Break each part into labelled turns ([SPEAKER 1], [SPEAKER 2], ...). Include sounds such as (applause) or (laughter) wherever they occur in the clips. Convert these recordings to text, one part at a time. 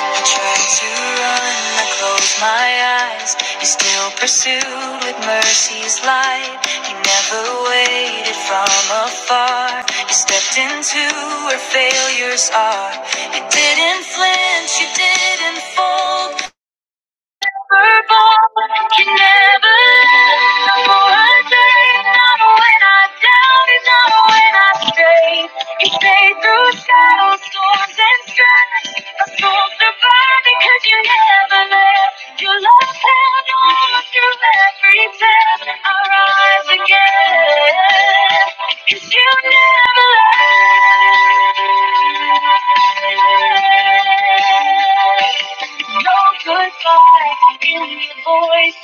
[SPEAKER 1] I try to run, I close my eyes. You still pursued with mercy's light. You never waited from afar. You stepped into where failures are. You didn't flinch, you didn't fold. Again, cause you never left. No goodbye in your voice,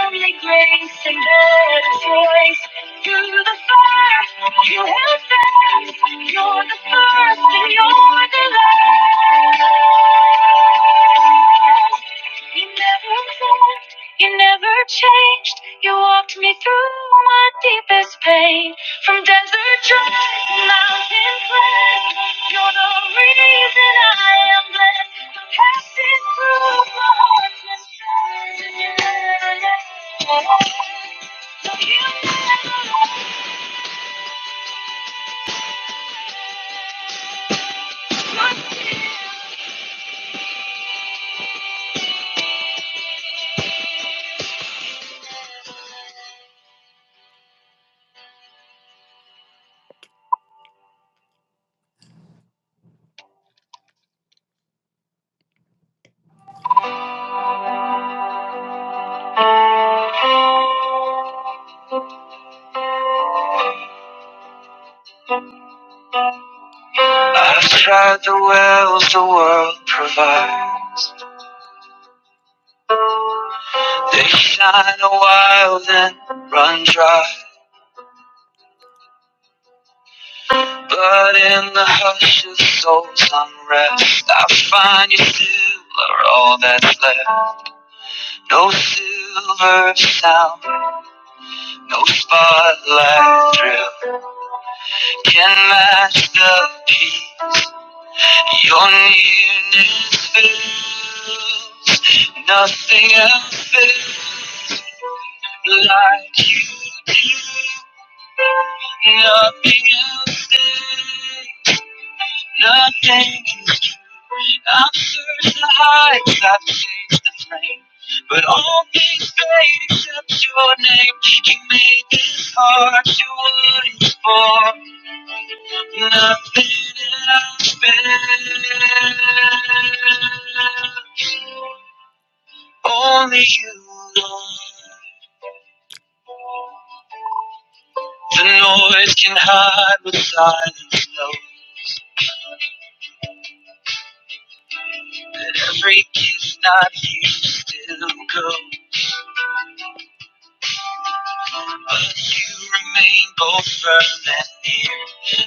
[SPEAKER 1] only grace and better choice. You're the first. you have fast. You're the first and you're the last. You never moved, you never changed. You walked me through my deepest pain. From desert dry to mountain plain, you're the reason I am blessed. I'm passing through my heart's mistress. I've tried the wells the world provides. They shine a while then run dry. But in the hush of soul's unrest, I find you still are all that's left. No silver sound, no spotlight thrill can match the peace your nearness fills. Nothing else fills like you do. Nothing else stays. Nothing is true. I've searched the heights, I've chased the flame. But all things fade except your name. You made this heart to what it's for. Nothing else matters. Only you, Lord. The noise can hide what silence knows. That every kiss not you still goes. But you remain both firm and near.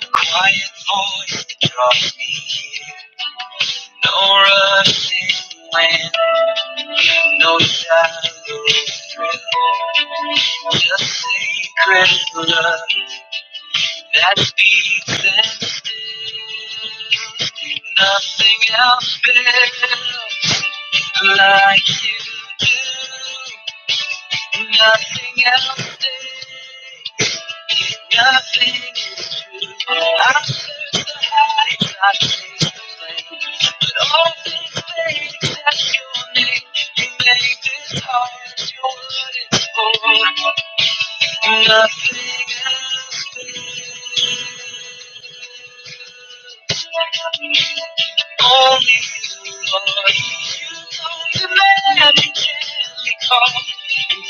[SPEAKER 1] A quiet voice that draws me here. No rushing wind, no shallow thrill. Just sacred love that speaks and stills. Nothing else builds like you do. Nothing else builds. Nothing is true. I've searched the heights, I've the plains, but all these things fade except your name. You made this heart your word is for. Nothing else. Only you, Lord. You know the man you can call.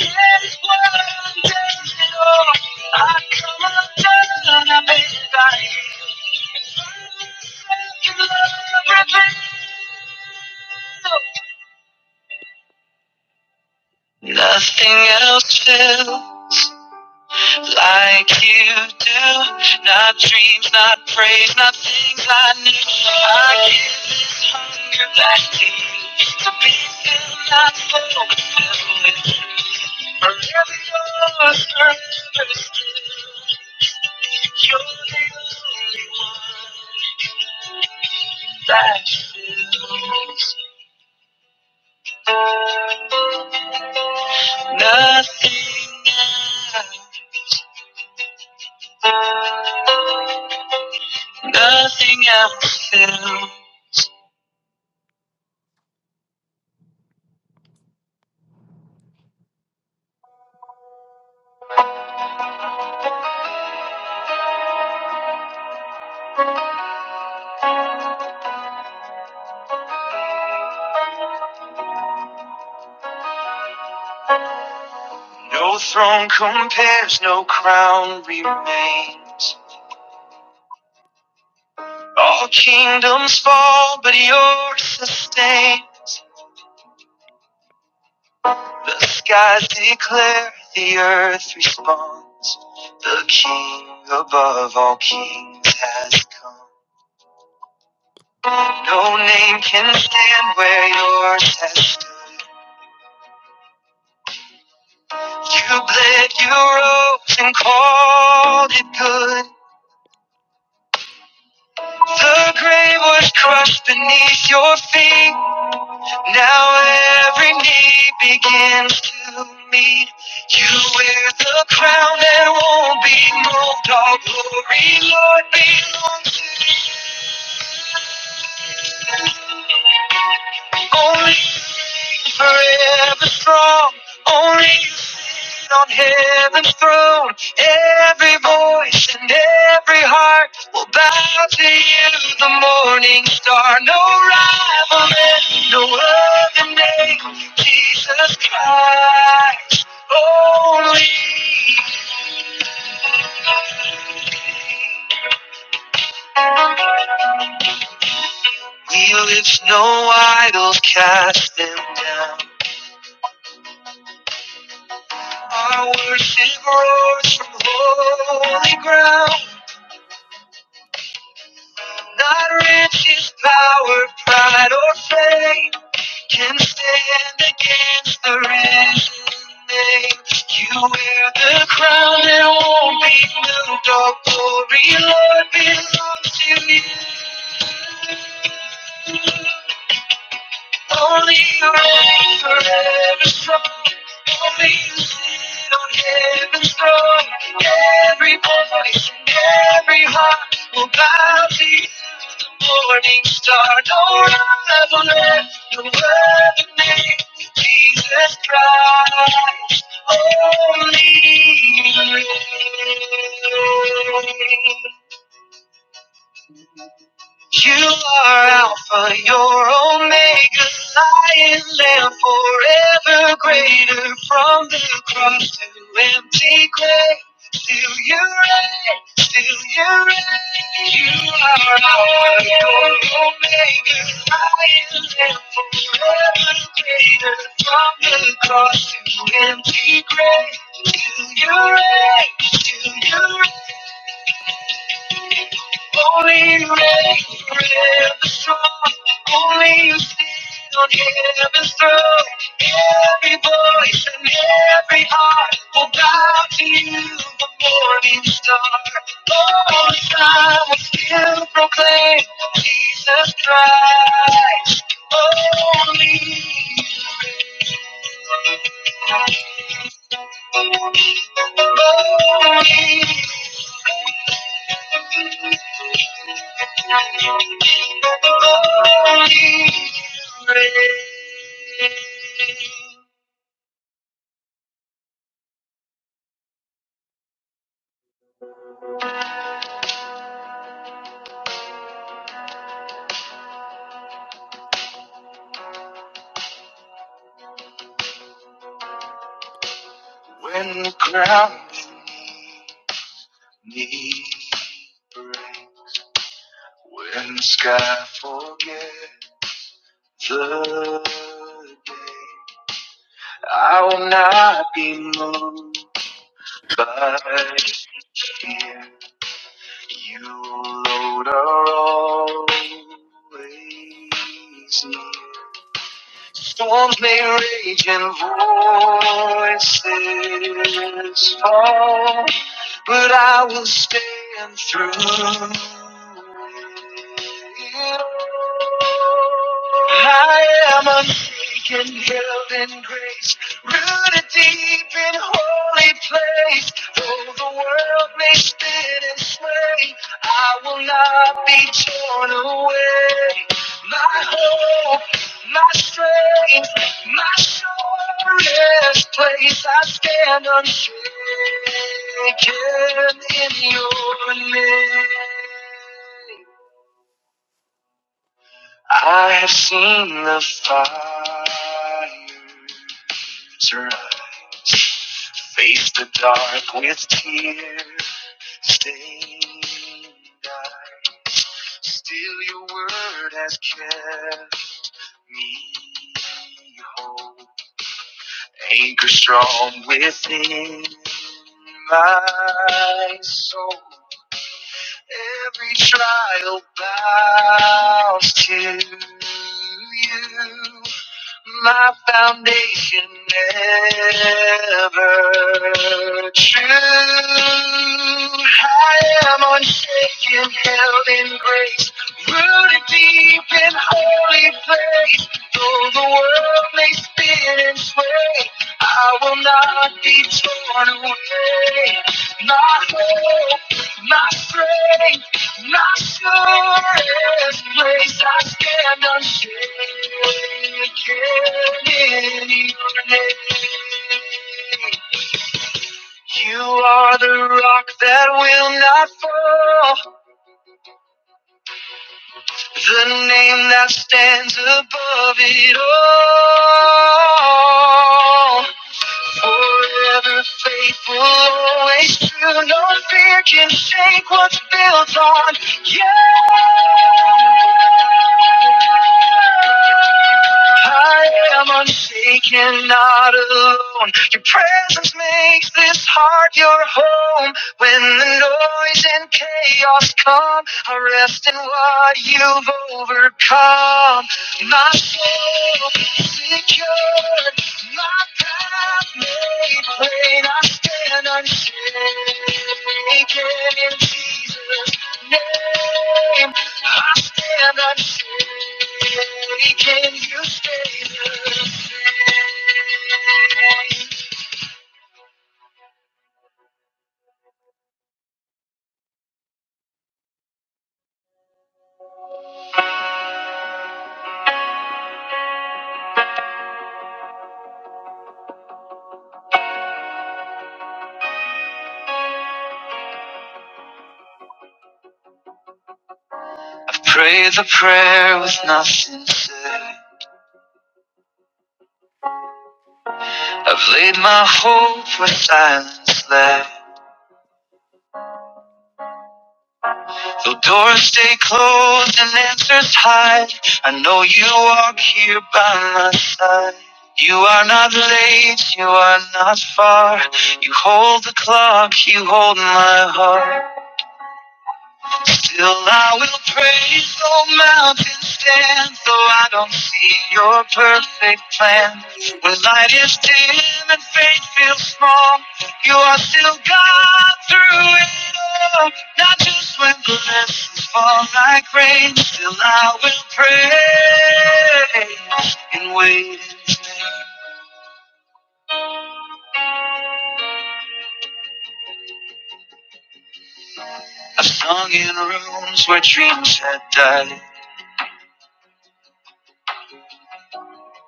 [SPEAKER 1] And that is what I'm dancing on. I come undone, I'm in thy hand. You love and Nothing else will. like you do. Not dreams, not praise, not things I knew. I give this hunger back to you to be filled, not full, filled with you. Forever yours, forever your life filled. Nothing else, nothing else filled. No throne compares, no crown remains. All kingdoms fall, but yours sustains. The skies declare, the earth responds. The King above all kings has come. No name can stand where yours has stood. You bled, you rose, and called it good. The grave was crushed beneath your feet. Now every knee begins to meet. You wear the crown that won't be moved. All glory, Lord, belongs to you. Only you forever strong. Only you sit on heaven's throne. Every voice and every heart will bow to you, the morning star. No rival, no other name. Jesus Christ, only you. We lift no idols, cast them down. Our worship roars from holy ground. Not riches, power, pride, or fame can stand against the risen name. You wear the crown that won't be moved. All glory, Lord, belongs to you. Only you reign forever strong. Only you sit on heaven's throne. Every voice and every heart will bow to you. The morning star, no rival, earth, no other name. Jesus Christ, only you reign. You are Alpha, your Omega, Lion Lamb, forever greater. From the cross to empty grave, still you reign, still you reign. You are Alpha, your Omega, Lion Lamb, forever greater. From the cross to empty grave, still you reign, still you reign. Only you reign forever strong. Only you sit on heaven's throne. Every voice and every heart will bow to you, the morning star. All time will still proclaim Jesus Christ. Only you. Only When the ground beneath me breaks, when the sky forgets the day, I will not be moved by fear. You, Lord, are always near. Storms may rage and voices fall, but I will stand through it all. I am unshaken, held in grace, rooted deep in holy place. Though the world may spin and sway, I will not be torn away. My hope my strength, my surest place. I stand unshaken in your name. I have seen the fires rise, face the dark with tear stained eyes. Still, your word has kept me whole, anchor strong within my soul. Every trial bows to you. My foundation ever true. I am unshaken, held in grace, rooted deep in holy place. Though the world may spin and sway, I will not be torn away. My hope, my strength, my surest place, I stand unshaken in your name. You are the rock that will not fall. The name that stands above it all. Forever faithful, always true. No fear can shake what's built on you. I am unshaken, not alone. Your presence makes this heart your home. When the noise and chaos come, I rest in what you've overcome. My soul secure, my path made plain, I stand unshaken in Jesus' name. I stand unshaken, you stay the same. I've prayed the prayer with nothing said. I've laid my hope where silence lay. Though doors stay closed and answers hide, I know you walk here by my side. You are not late, you are not far. You hold the clock, you hold my heart. Still I will praise though mountains stand, though I don't see your perfect plan. When light is dim and faith feels small, you are still God through it all. Not just when blessings fall like rain, still I will praise in waiting. I've sung in rooms where dreams had died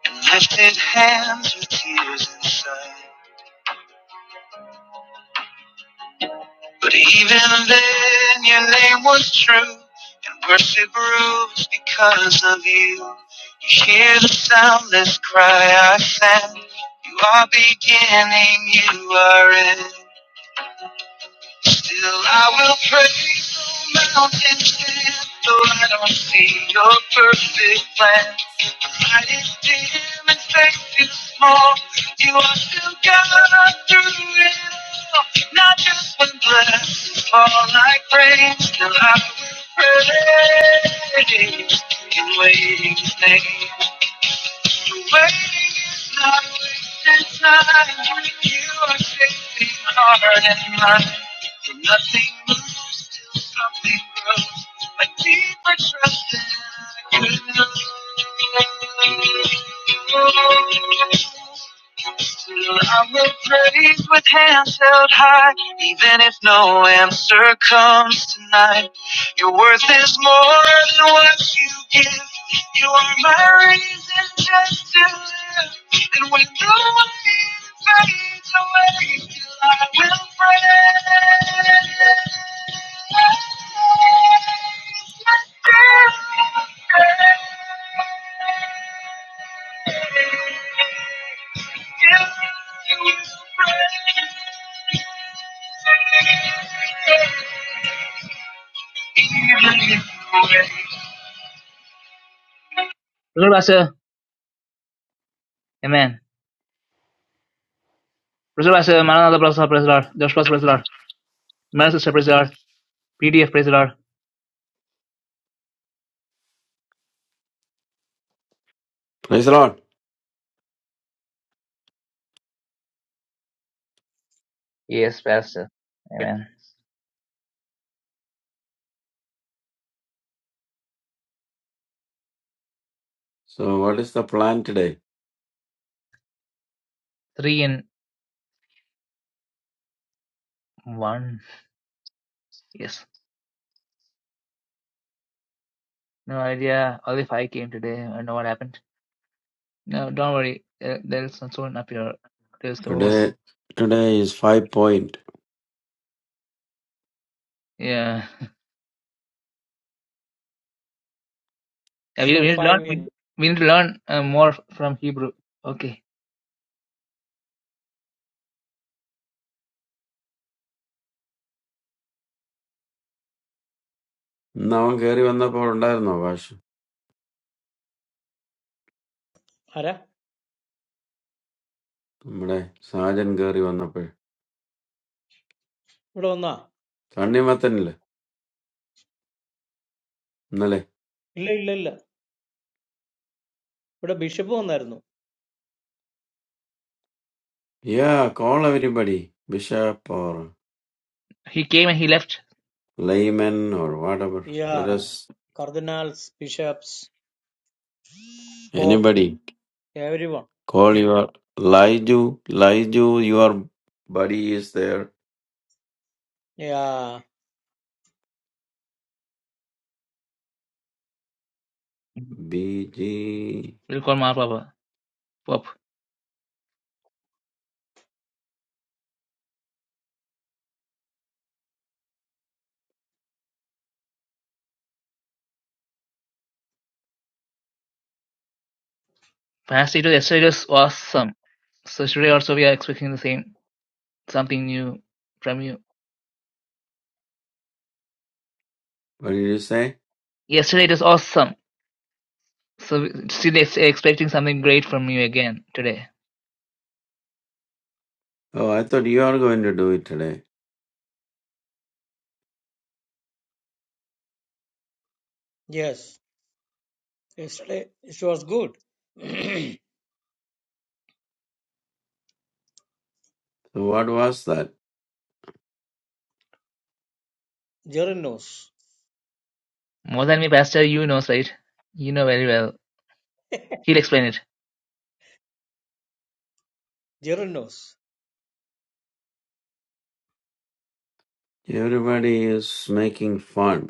[SPEAKER 1] and lifted hands with tears inside. But even then, your name was true, and worship rose because of you. You hear the soundless cry I send. You are beginning, you are end. Still, I will praise the mountains, stand, though I don't see your perfect plan. Light is dim and faith is small. You are still God through it all. Not just when blessed fall like rain, still I will praise in waiting name. Your waiting is not wasted time. When You are shaping heart and mind. From nothing moves till something grows. A deeper trust than I could know. I will praise with hands held high, even if no answer comes tonight. Your worth is more than what you give. You are my reason just to live. And when the way fades away, still I will praise. Betul bahasa. Amen. Praise the Lord. Maranatha, praise the Lord. praise the Lord. Joshua, praise the Lord. Mary, sister, praise the Lord. PDF, praise the Lord. Yes, Pastor. Amen.
[SPEAKER 2] What is the plan today?
[SPEAKER 1] Three in one. Yes. No idea. Only five came today. I don't know what happened. No, don't worry. Uh, there is someone up here. There is someone.
[SPEAKER 2] Today, today is five point.
[SPEAKER 1] Yeah. Yeah, We,
[SPEAKER 3] So
[SPEAKER 1] we need to learn.
[SPEAKER 3] five
[SPEAKER 1] We,
[SPEAKER 3] in.
[SPEAKER 1] we need to learn uh, more from Hebrew. Okay.
[SPEAKER 2] Now, Gary one up or under no wash.
[SPEAKER 3] Hara?
[SPEAKER 2] Today, Sergeant Gary one up.
[SPEAKER 3] No, no,
[SPEAKER 2] Sunday, matin Nale.
[SPEAKER 3] no, no. What a bishop on there too.
[SPEAKER 2] Yeah, call everybody, bishop or
[SPEAKER 1] He came and he left.
[SPEAKER 2] layman or whatever. Let
[SPEAKER 3] Yeah,
[SPEAKER 2] us
[SPEAKER 3] cardinals, bishops, pop,
[SPEAKER 2] anybody
[SPEAKER 3] everyone.
[SPEAKER 2] call your Liju. Liju, your buddy is there.
[SPEAKER 3] Yeah.
[SPEAKER 2] BG.
[SPEAKER 1] We'll call my Papa. Pop. Pastor, it was yesterday. It was awesome. So today also we are expecting the same something new from you.
[SPEAKER 2] What did you say?
[SPEAKER 1] Yesterday it was awesome. So still ex- expecting something great from you again today.
[SPEAKER 2] Oh, I thought you are going to do it today.
[SPEAKER 3] Yes. Yesterday It was good.
[SPEAKER 2] So what was that?
[SPEAKER 3] Darren knows.
[SPEAKER 1] More than me, Pastor, you knows, right? You know very well. He'll explain it.
[SPEAKER 3] Darren knows.
[SPEAKER 2] Everybody is making fun.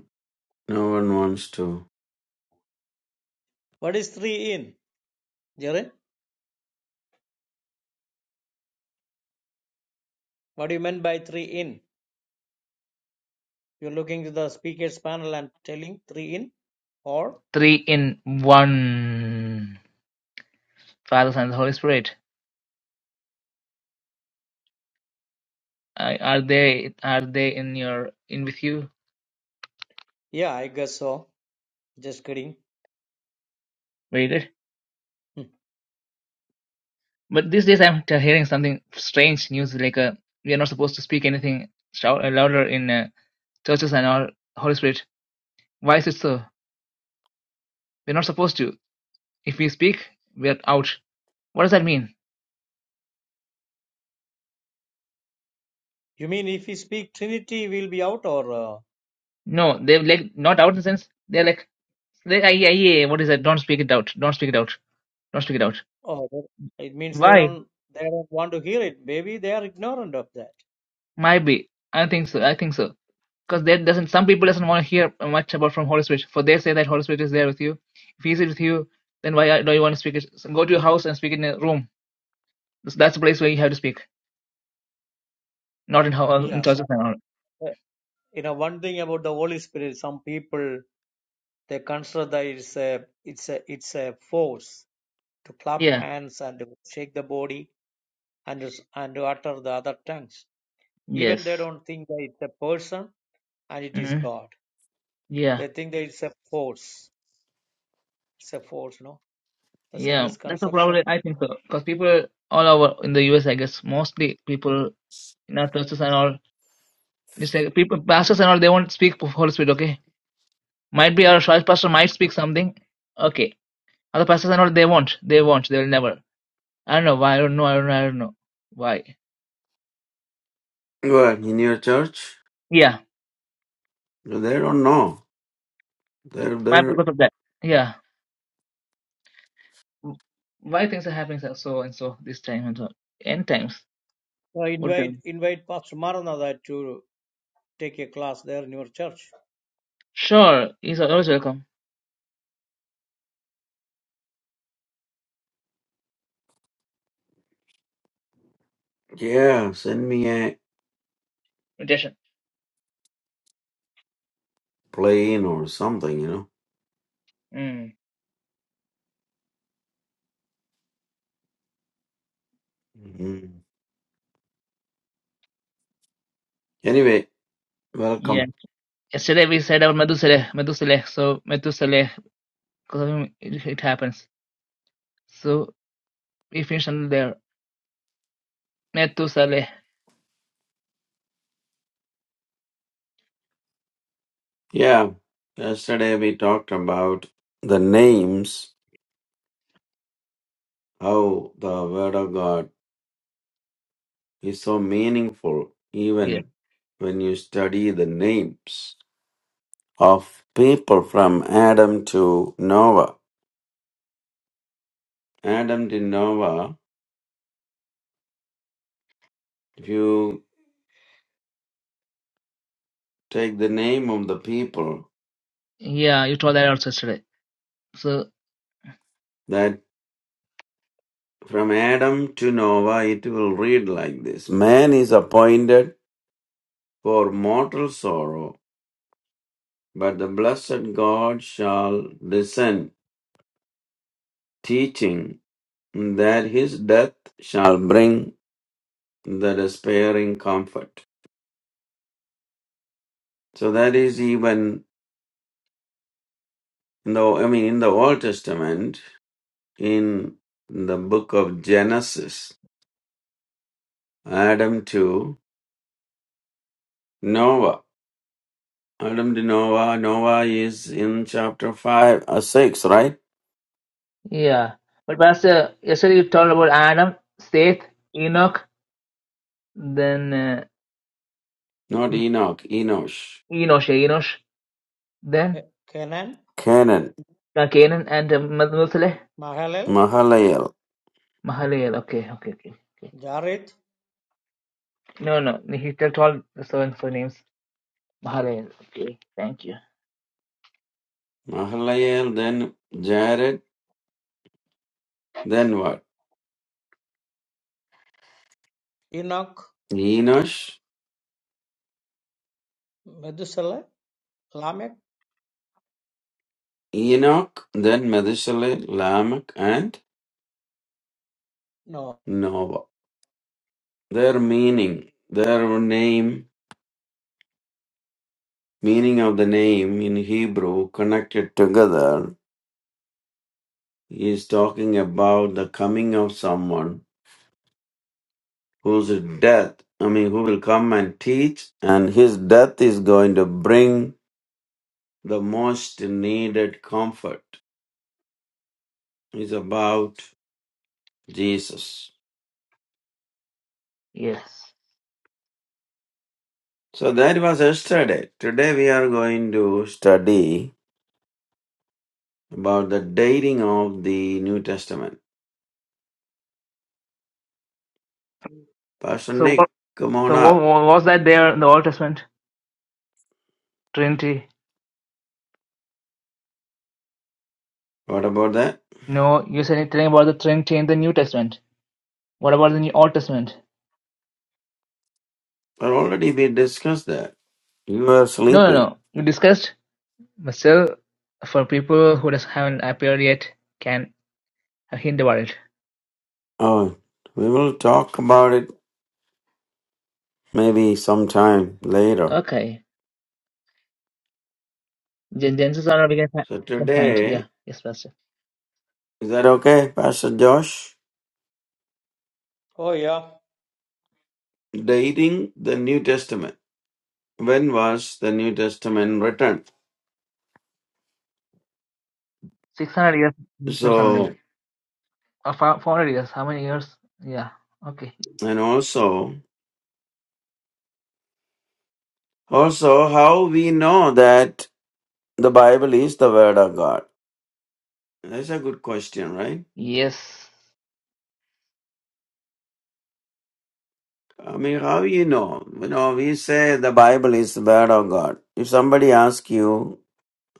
[SPEAKER 2] No one wants to.
[SPEAKER 3] What is three in? Darren? What do you mean by three in? You're looking at the speaker's panel and telling three in, or?
[SPEAKER 1] Three in one. Father, Son, and Holy Spirit. I- Are they are they in your in with you?
[SPEAKER 3] Yeah, I guess so. Just kidding.
[SPEAKER 1] Very good.
[SPEAKER 3] Hmm.
[SPEAKER 1] But these days I'm t- hearing something strange news like uh, we are not supposed to speak anything shout, uh, louder in uh, churches and all Holy Spirit. Why is it so? We're not supposed to. If we speak, we're out. What does that mean?
[SPEAKER 3] You mean if we speak Trinity, we'll be out or? uh,
[SPEAKER 1] No, they're like not out in the sense they're like they, I, I, I. what is that? Don't speak it out. Don't speak it out. Don't speak it out.
[SPEAKER 3] Oh, that, it means they
[SPEAKER 1] Why?
[SPEAKER 3] don't they don't want to hear it. Maybe they are ignorant of that.
[SPEAKER 1] Might be. I think so. I think so. Because that doesn't. Some people doesn't want to hear much about from Holy Spirit. For they say that Holy Spirit is there with you. If He's with you, then why do you want to speak it? So go to your house and speak in a room. That's that's the place where you have to speak, not in how in
[SPEAKER 3] Yeah.
[SPEAKER 1] churches
[SPEAKER 3] So,
[SPEAKER 1] and all.
[SPEAKER 3] uh, you know, one thing about the Holy Spirit, some people they consider that it's a it's a it's a force to clap
[SPEAKER 1] Yeah.
[SPEAKER 3] hands and to shake the body and to s- and to utter the other tongues. Even
[SPEAKER 1] Yes.
[SPEAKER 3] they don't think that it's a person and it is
[SPEAKER 1] hmm
[SPEAKER 3] God.
[SPEAKER 1] Yeah.
[SPEAKER 3] They think that it's a force. It's a force, no? That's a
[SPEAKER 1] Yeah. That's a
[SPEAKER 3] misconception.
[SPEAKER 1] problem. I think so. Because people all over in the U.S. I guess mostly people in our churches and all It's like people, pastors and all, they won't speak for Holy Spirit, okay? Might be our church pastor might speak something, okay. Other pastors and all, they won't. They won't. They will never. I don't know why. I don't know. I don't know. I don't know why.
[SPEAKER 2] What in your church?
[SPEAKER 1] Yeah,
[SPEAKER 2] No, They don't know. They're
[SPEAKER 1] might be
[SPEAKER 2] they
[SPEAKER 1] because of that. Yeah, why things are happening so so and so this time and so end times.
[SPEAKER 3] So
[SPEAKER 1] What
[SPEAKER 3] invite
[SPEAKER 1] time?
[SPEAKER 3] invite Pastor Maranatha to take a class there in your church
[SPEAKER 1] Sure, he's always welcome.
[SPEAKER 2] yeah. Send me a
[SPEAKER 1] Invitation.
[SPEAKER 2] plane or something, you know.
[SPEAKER 1] Mm.
[SPEAKER 2] Mhm. Anyway,
[SPEAKER 1] Yeah.
[SPEAKER 2] welcome.
[SPEAKER 1] Yesterday we said about Methuselah, Methuselah. So Methuselah, because of him, it, it happens. So we finished under there. Methuselah.
[SPEAKER 2] Yeah, yesterday we talked about the names, how the Word of God is so meaningful,
[SPEAKER 1] yeah.
[SPEAKER 2] even when you study the names of people from Adam to Noah. Adam to Noah. If you take the name of the people,
[SPEAKER 1] Yeah, you told that also yesterday. So
[SPEAKER 2] that from Adam to Noah it will read like this Man is appointed for mortal sorrow, but the blessed God shall descend, teaching that his death shall bring the despairing comfort. So that is even though I mean in the Old Testament, in the book of Genesis, Adam to Noah. Adam de Noah. Noah is in chapter 5, uh, 6, right?
[SPEAKER 1] Yeah. But Pastor, yesterday you told about Adam, Seth, Enoch, then uh,
[SPEAKER 2] Not Enoch, Enosh.
[SPEAKER 1] Enosh, yeah, Enosh, then
[SPEAKER 3] Kenan,
[SPEAKER 2] Canaan,
[SPEAKER 1] uh, Canaan and uh, Methuselah,
[SPEAKER 3] Mahalalel,
[SPEAKER 2] Mahalalel.
[SPEAKER 1] Mahalalel. Okay, okay, okay, okay.
[SPEAKER 3] Jareth,
[SPEAKER 1] No, no, he told all the so and so names. Mahalalel. Okay, thank you.
[SPEAKER 2] Mahalalel, then Jared, then what?
[SPEAKER 3] Enoch,
[SPEAKER 2] Enosh,
[SPEAKER 3] Methuselah, Lamech,
[SPEAKER 2] Enoch, then Methuselah, Lamech, and
[SPEAKER 3] Noah.
[SPEAKER 2] Noah. Their meaning, their name, meaning of the name in Hebrew connected together is talking about the coming of someone whose death, I mean, who will come and teach, and his death is going to bring the most needed comfort, is about Jesus.
[SPEAKER 1] Yes.
[SPEAKER 2] So that was yesterday. Today we are going to study about the dating of the New Testament. Pastor
[SPEAKER 1] So
[SPEAKER 2] Nick,
[SPEAKER 1] what?
[SPEAKER 2] come on
[SPEAKER 1] So what,
[SPEAKER 2] up.
[SPEAKER 1] what was that there in the Old Testament? Trinity.
[SPEAKER 2] What about that?
[SPEAKER 1] No, you said anything about the Trinity in the New Testament. What about the New Old Testament?
[SPEAKER 2] Well, already we discussed that. You were
[SPEAKER 1] No, no,
[SPEAKER 2] sleeping.
[SPEAKER 1] no. You discussed Muscle, for people who doesn't haven't appeared yet, can hit the world.
[SPEAKER 2] Oh, we will talk about it maybe sometime later.
[SPEAKER 1] Okay. Gen- Genesis or we can, fi-
[SPEAKER 2] So
[SPEAKER 1] can find.
[SPEAKER 2] today
[SPEAKER 1] Yeah. Yes, Pastor.
[SPEAKER 2] Is that okay, Pastor Josh?
[SPEAKER 3] Oh, yeah.
[SPEAKER 2] Dating the New Testament. When was the New Testament written?
[SPEAKER 1] 600 years or
[SPEAKER 2] So,
[SPEAKER 1] something. Or 400 years. How many years? Yeah. Okay.
[SPEAKER 2] and also, also how we know that the Bible is the Word of God. That's a good question, right?
[SPEAKER 1] Yes.
[SPEAKER 2] I mean, how you know? You know, we say the Bible is the Word of God. If somebody asks you,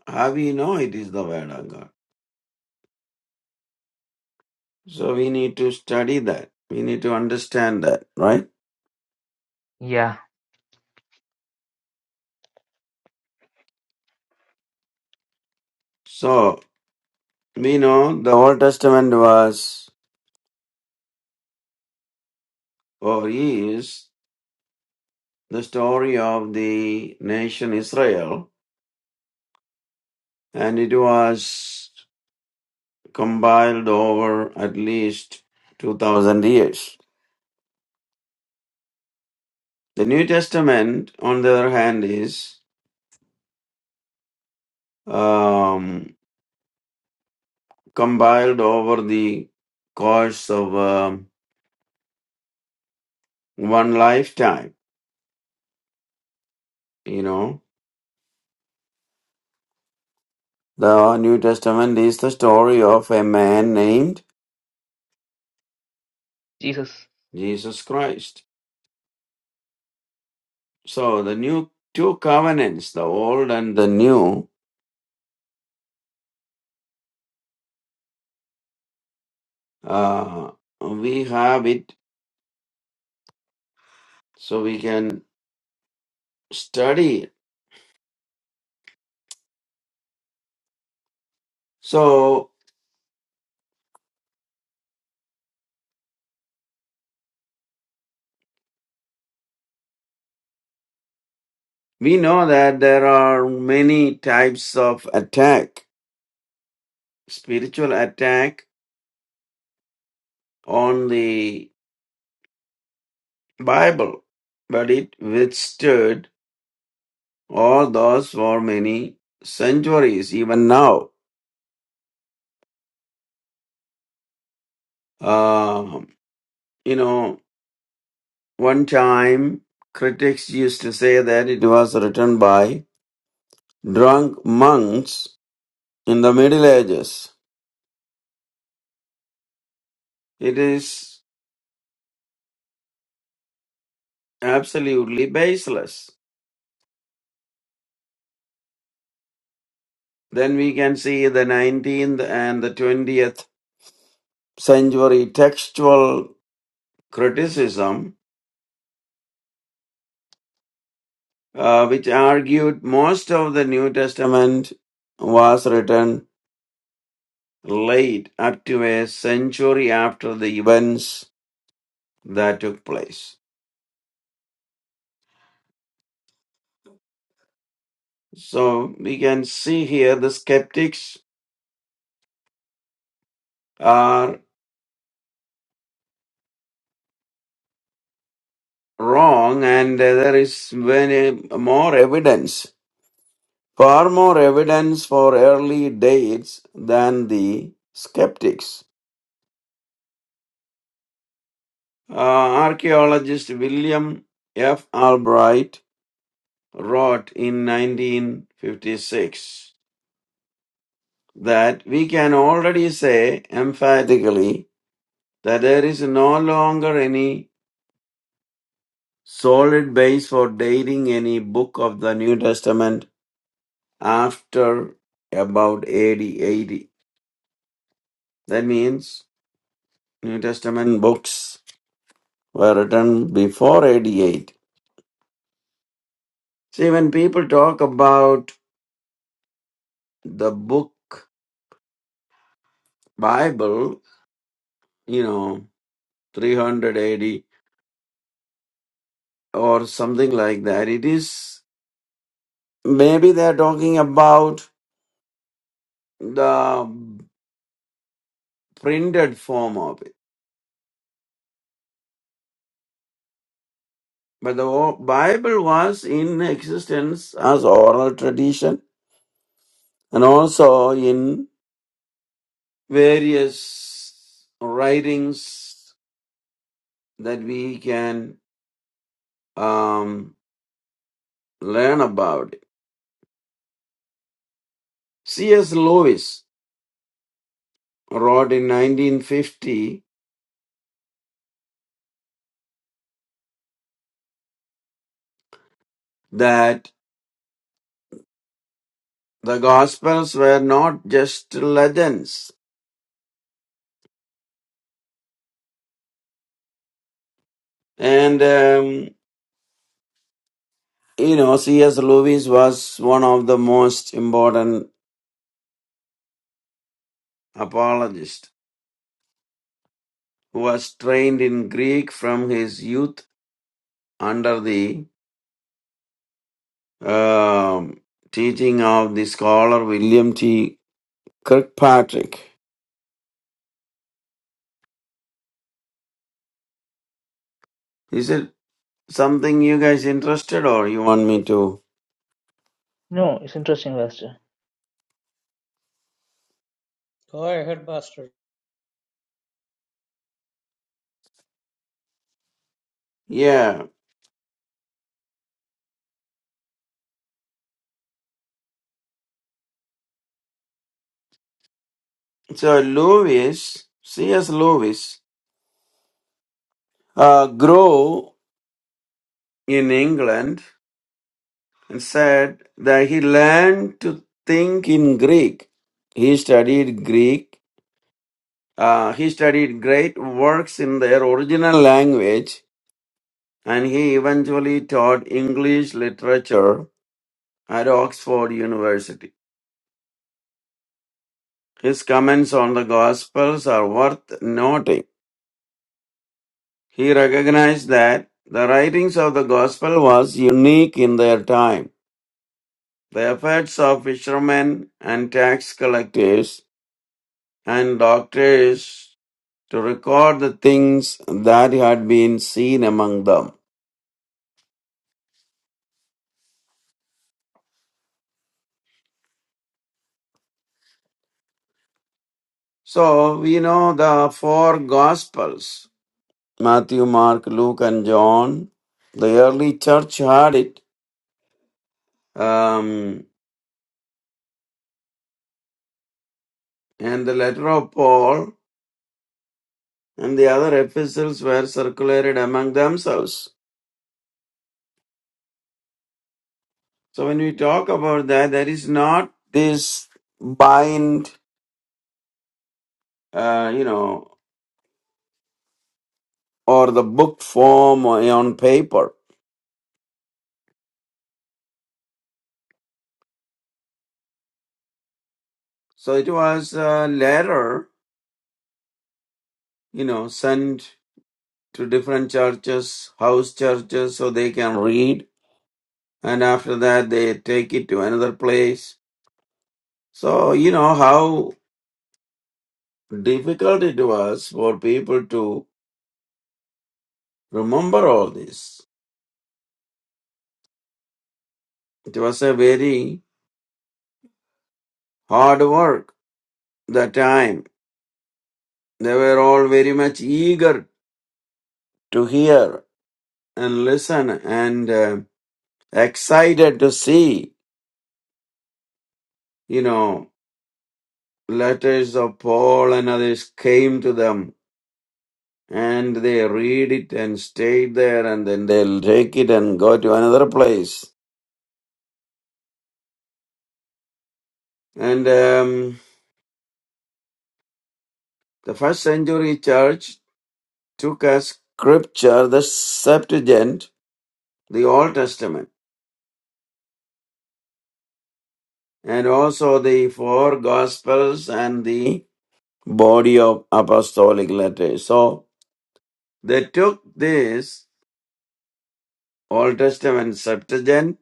[SPEAKER 2] how we know it is the Word of God? So we need to study that. We need to understand that, right?
[SPEAKER 1] Yeah.
[SPEAKER 2] So. We know the Old Testament was or is the story of the nation Israel, and it was compiled over at least 2000 years. The New Testament, on the other hand, is um, compiled over the course of um, one lifetime. You know, the New Testament is the story of a man named
[SPEAKER 1] Jesus.
[SPEAKER 2] Jesus Christ So the new two covenants, the old and the new, uh, we have it so we can study. it. So we know that there are many types of attack, spiritual attack on the Bible, but it withstood all those for many centuries, even now. Um, you know, one time critics used to say that it was written by drunk monks in the Middle Ages. It is absolutely baseless. Then we can see the 19th and the 20th century textual criticism, uh, which argued most of the New Testament was written late, up to a century after the events that took place. So we can see here the skeptics are. wrong and uh, there is many more evidence, far more evidence for early dates than the skeptics. Uh, archaeologist William F. Albright wrote in 1956 that we can already say emphatically that there is no longer any solid base for dating any book of the New Testament after about AD 80. That means New Testament books were written before 88. See, when people talk about the book Bible, you know, 380 or something like that, it is maybe they're talking about the printed form of it. But the o- Bible was in existence as oral tradition and also in various writings that we can um, learn about it. C.S. Lewis wrote in 1950 that the Gospels were not just legends. And, um, you know, C.S. Lewis was one of the most important apologists who was trained in Greek from his youth under the um, teaching of the scholar William T. Kirkpatrick. He said. something you guys interested or you want me to
[SPEAKER 1] No, it's interesting, Pastor.
[SPEAKER 3] Go ahead, Pastor.
[SPEAKER 2] yeah so lewis cs lewis uh grew in england and said that he learned to think in greek he studied greek uh, he studied great works in their original language and he eventually taught english literature at oxford university his comments on the gospels are worth noting He recognized that the writings of the gospel was unique in their time. The efforts of fishermen and tax collectors and doctors to record the things that had been seen among them. So we know the four gospels Matthew, Mark, Luke, and John. The early church had it, um, and the letter of Paul and the other epistles were circulated among themselves. So when we talk about that, there is not this bind, uh, you know, or the book form or on paper. So it was a letter, you know, sent to different churches, house churches, so they can read. And after that, they take it to another place. So, you know, how difficult it was for people to remember all this. It was a very hard work that time They were all very much eager to hear and listen and uh, excited to see. You know, letters of Paul and others came to them and they read it and stayed there and then they'll take it and go to another place. And um, the first century church took as scripture the Septuagint, the Old Testament, and also the four Gospels and the body of apostolic letters. So they took this Old Testament Septuagint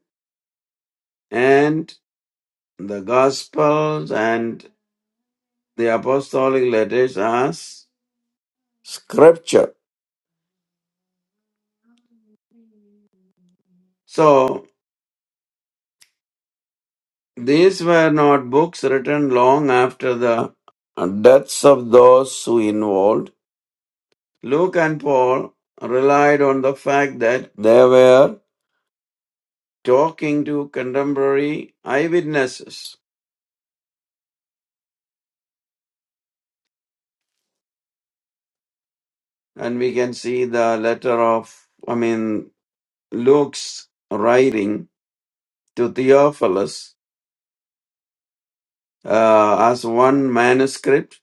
[SPEAKER 2] and the Gospels and the apostolic letters as scripture. So these were not books written long after the deaths of those who involved. Luke and Paul relied on the fact that they were talking to contemporary eyewitnesses. And we can see the letter of, I mean, Luke's writing to Theophilus uh, as one manuscript,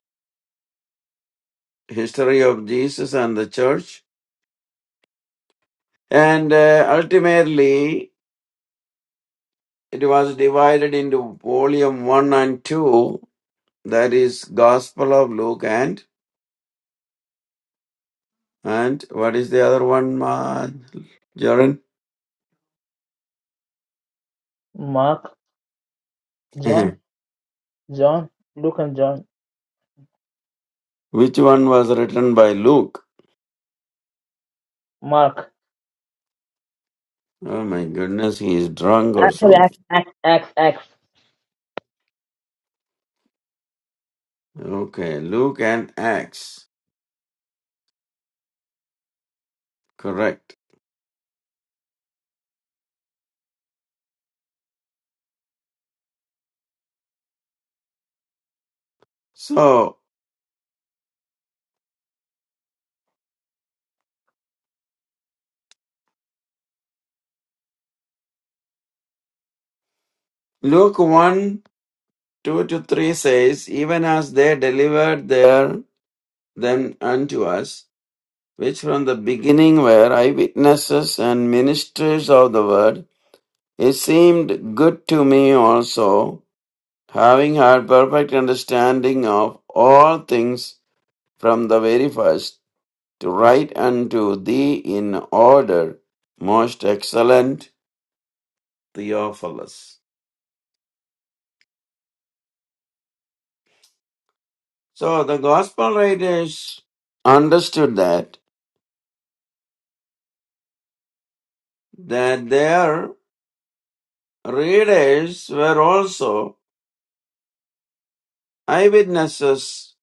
[SPEAKER 2] history of Jesus and the church. And uh, ultimately, it was divided into volume one and two. That is Gospel of Luke and and what is the other one, uh, Jaren?
[SPEAKER 1] Mark, John,
[SPEAKER 2] (laughs)
[SPEAKER 1] John, Luke and John.
[SPEAKER 2] Which one was written by Luke?
[SPEAKER 1] Mark.
[SPEAKER 2] Oh my goodness, he is drunk or
[SPEAKER 1] Actually,
[SPEAKER 2] something.
[SPEAKER 1] Acts, Acts, Acts, Acts.
[SPEAKER 2] Okay, Luke and Acts. Correct. So, Luke 1 2 to 3 says, Even as they delivered their, them unto us, which from the beginning were eyewitnesses and ministers of the word, it seemed good to me also, having had perfect understanding of all things from the very first, to write unto thee in order, most excellent Theophilus. So the gospel writers understood that, that their readers were also eyewitnesses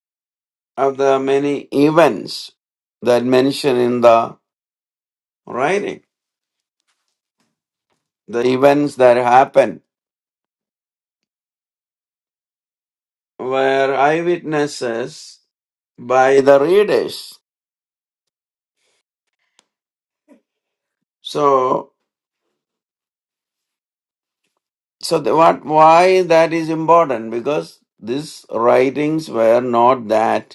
[SPEAKER 2] of the many events that mentioned in the writing. The events that happened were eyewitnesses by the readers. So, so the, what, why that is important? Because these writings were not that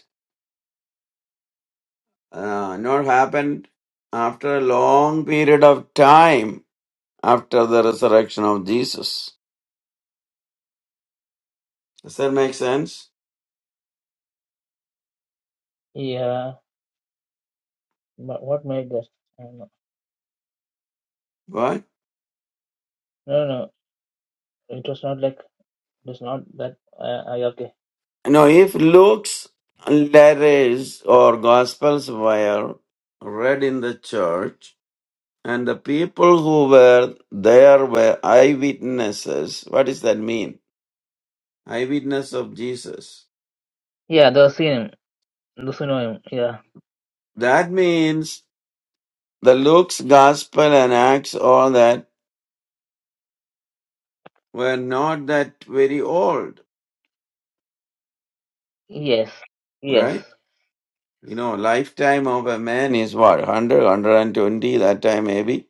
[SPEAKER 2] uh, not happened after a long period of time after the resurrection of Jesus. Does that make sense?
[SPEAKER 1] Yeah. But what made that? I don't know.
[SPEAKER 2] Why?
[SPEAKER 1] No, no. no. It was not like, it was not that. Uh, I, okay.
[SPEAKER 2] No, if Luke's letters or Gospels were read in the church and the people who were there were eyewitnesses, what does that mean? Eyewitness of Jesus.
[SPEAKER 1] Yeah, the synonym, the synonym. Yeah.
[SPEAKER 2] That means the Luke's Gospel and Acts, all that, were not that very old
[SPEAKER 1] Yes. Yes.
[SPEAKER 2] right? You know, lifetime of a man is what, 100, that time maybe,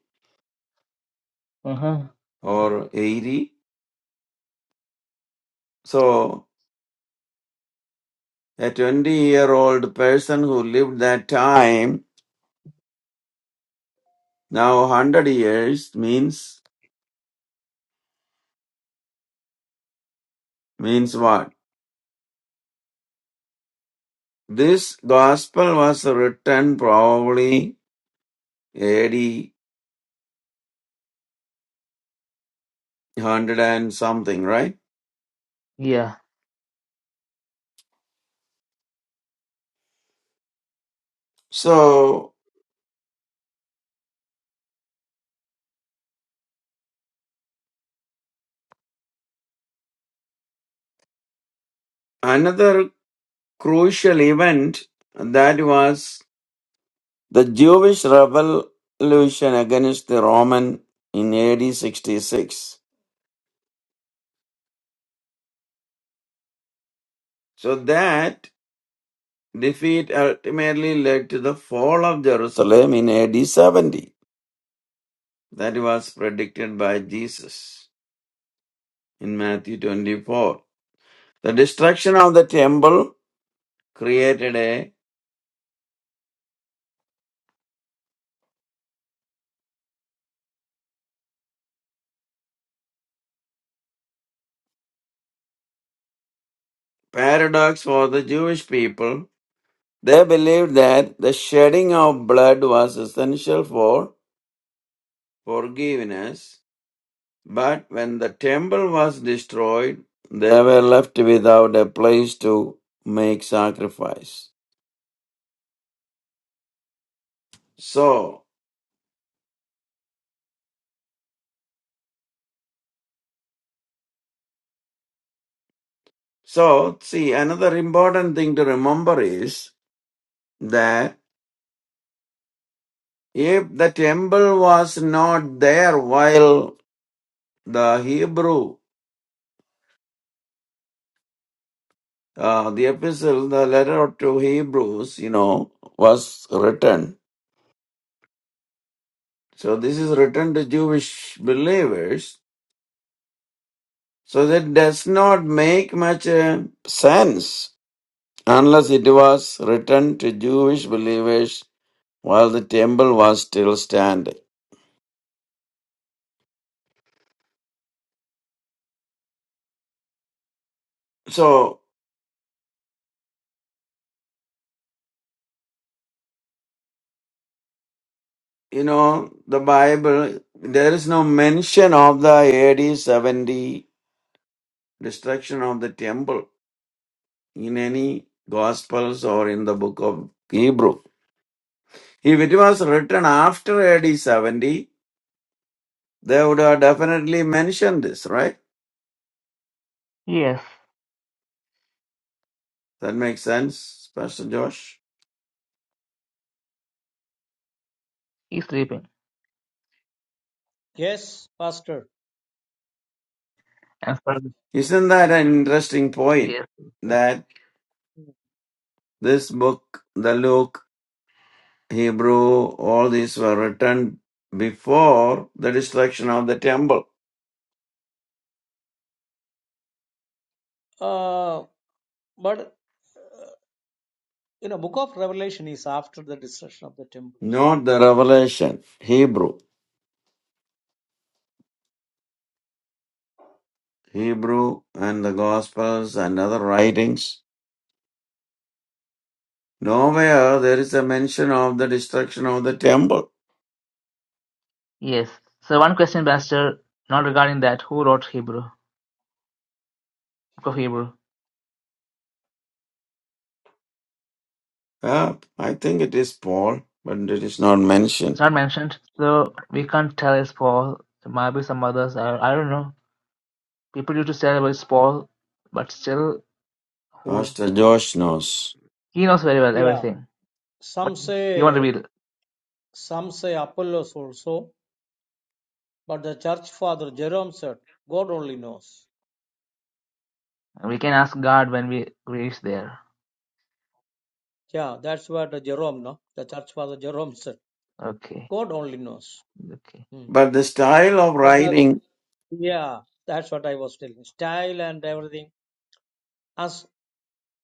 [SPEAKER 1] Uh huh.
[SPEAKER 2] or 80. So a 20 year old person who lived that time, now 100 years means, means what? This gospel was written probably 80, one hundred and something, right?
[SPEAKER 1] Yeah.
[SPEAKER 2] So another crucial event that was The Jewish revolution against the Roman in AD 66. So that defeat ultimately led to the fall of Jerusalem in AD 70. That was predicted by Jesus in Matthew 24. The destruction of the temple created a paradox for the Jewish people. They believed that the shedding of blood was essential for forgiveness But when the temple was destroyed, they were left without a place to make sacrifice. So, so see, another important thing to remember is that if the temple was not there while the Hebrew, uh, the epistle, the letter to Hebrews, you know, was written. So this is written to Jewish believers. So that does not make much uh, sense unless it was written to Jewish believers while the temple was still standing. So, you know, the Bible, there is no mention of the AD 70 destruction of the temple in any Gospels or in the book of Hebrew. If it was written after AD 70, they would have definitely mentioned this, right?
[SPEAKER 1] Yes.
[SPEAKER 2] That makes sense, Pastor Josh.
[SPEAKER 1] He's sleeping.
[SPEAKER 3] Yes, Pastor.
[SPEAKER 1] And so,
[SPEAKER 2] Isn't that an interesting point?
[SPEAKER 1] yes. Yes.
[SPEAKER 2] that? This book, the Luke, Hebrew, all these were written before the destruction of the temple,
[SPEAKER 3] Uh, but you know, Book of Revelation is after the destruction of the temple.
[SPEAKER 2] not the revelation, Hebrew. Hebrew and the Gospels and other writings. Nowhere there is a mention of the destruction of the temple.
[SPEAKER 1] yes. So one question, Pastor, not regarding that. Who wrote Hebrew? Book of Hebrew.
[SPEAKER 2] Yeah, I think it is Paul, but it is not
[SPEAKER 1] It's
[SPEAKER 2] mentioned.
[SPEAKER 1] not mentioned. So we can't tell it's Paul. There might be some others. I, I don't know. People used to say about it's Paul, but still, who
[SPEAKER 2] Pastor Josh knows.
[SPEAKER 1] he knows very well
[SPEAKER 3] Yeah.
[SPEAKER 1] everything. But
[SPEAKER 3] Some
[SPEAKER 1] he won't
[SPEAKER 3] say
[SPEAKER 1] reveal.
[SPEAKER 3] some say Apollos also, but the church father Jerome said, God only knows.
[SPEAKER 1] We can ask God when we reach there.
[SPEAKER 3] Yeah, that's what the Jerome, no, the church father Jerome said,
[SPEAKER 1] Okay.
[SPEAKER 3] God only knows.
[SPEAKER 1] Okay.
[SPEAKER 3] Hmm.
[SPEAKER 2] But the style of
[SPEAKER 3] But the
[SPEAKER 2] writing.
[SPEAKER 3] Yeah, that's what I was telling. Style and everything, as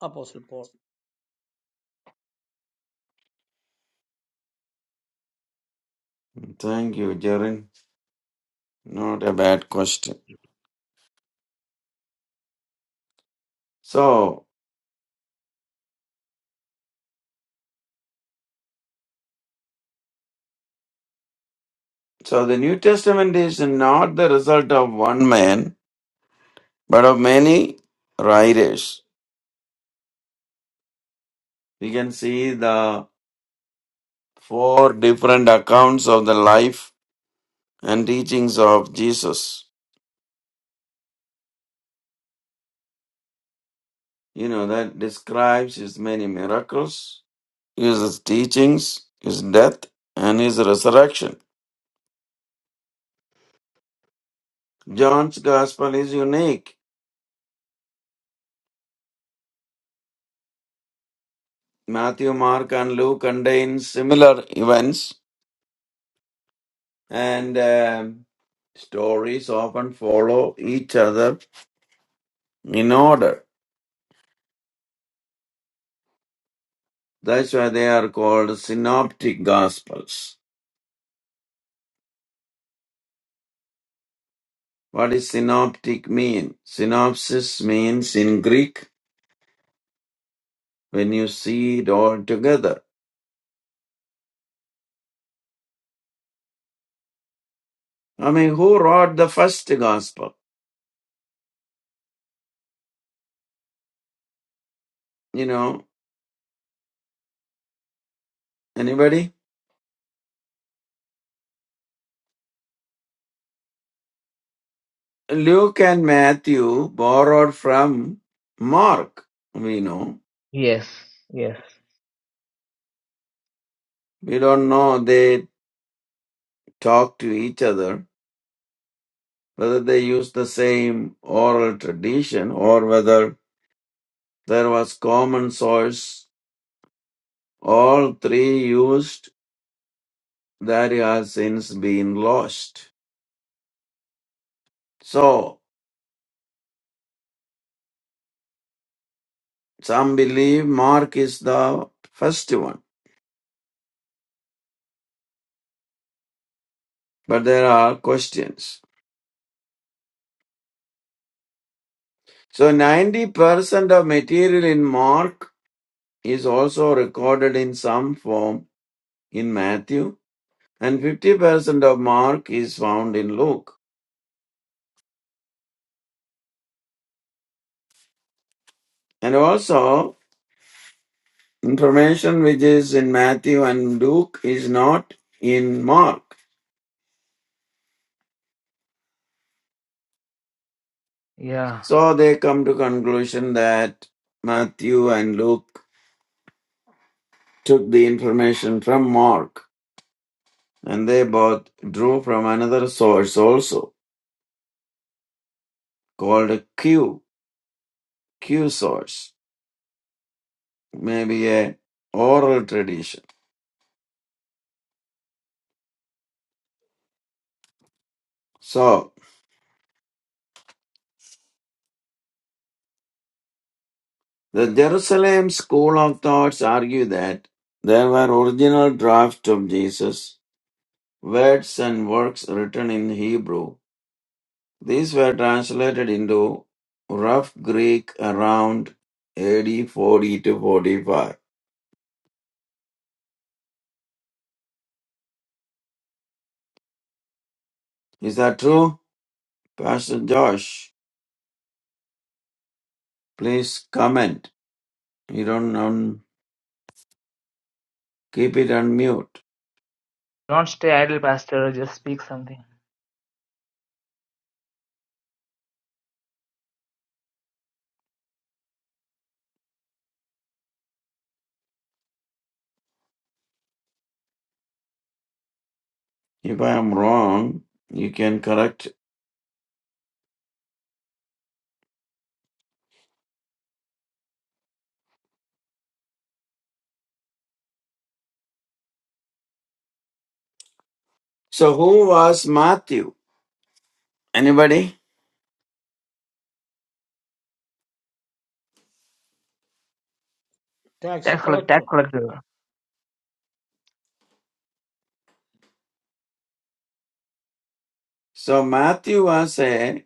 [SPEAKER 3] Apostle Paul.
[SPEAKER 2] Thank you, Jarin. Not a bad question. So, so the New Testament is not the result of one man, but of many writers. We can see the four different accounts of the life and teachings of Jesus. You know, that describes his many miracles, his teachings, his death, and his resurrection. John's gospel is unique. Matthew, Mark, and Luke contain similar events and um, stories often follow each other in order. That's why they are called synoptic gospels. What does synoptic mean? Synopsis means in Greek when you see it all together. I mean, who wrote the first gospel? You know, anybody? Luke and Matthew borrowed from Mark. We know.
[SPEAKER 1] Yes. Yes.
[SPEAKER 2] We don't know they talk to each other whether they used the same oral tradition or whether there was common source, all three used that has since been lost. So, some believe Mark is the first one, but there are questions. So, 90% of material in Mark is also recorded in some form in Matthew, and 50% of Mark is found in Luke. And also, Information which is in Matthew and Luke is not in Mark.
[SPEAKER 1] Yeah.
[SPEAKER 2] So they come to conclusion that Matthew and Luke took the information from Mark and they both drew from another source also called a Q, Q source, maybe a oral tradition. So the Jerusalem school of thoughts argue that there were original drafts of Jesus, words and works written in Hebrew These were translated into rough Greek around AD 40 to 45. Is that true? Pastor Josh, please comment. You don't un- keep it on mute.
[SPEAKER 1] Don't stay idle, Pastor. Just speak something.
[SPEAKER 2] If I am wrong, you can correct. So who was Matthew? Anybody?
[SPEAKER 3] Tax
[SPEAKER 1] Tax, collect, tax
[SPEAKER 3] collector.
[SPEAKER 1] collector.
[SPEAKER 2] So Matthew was a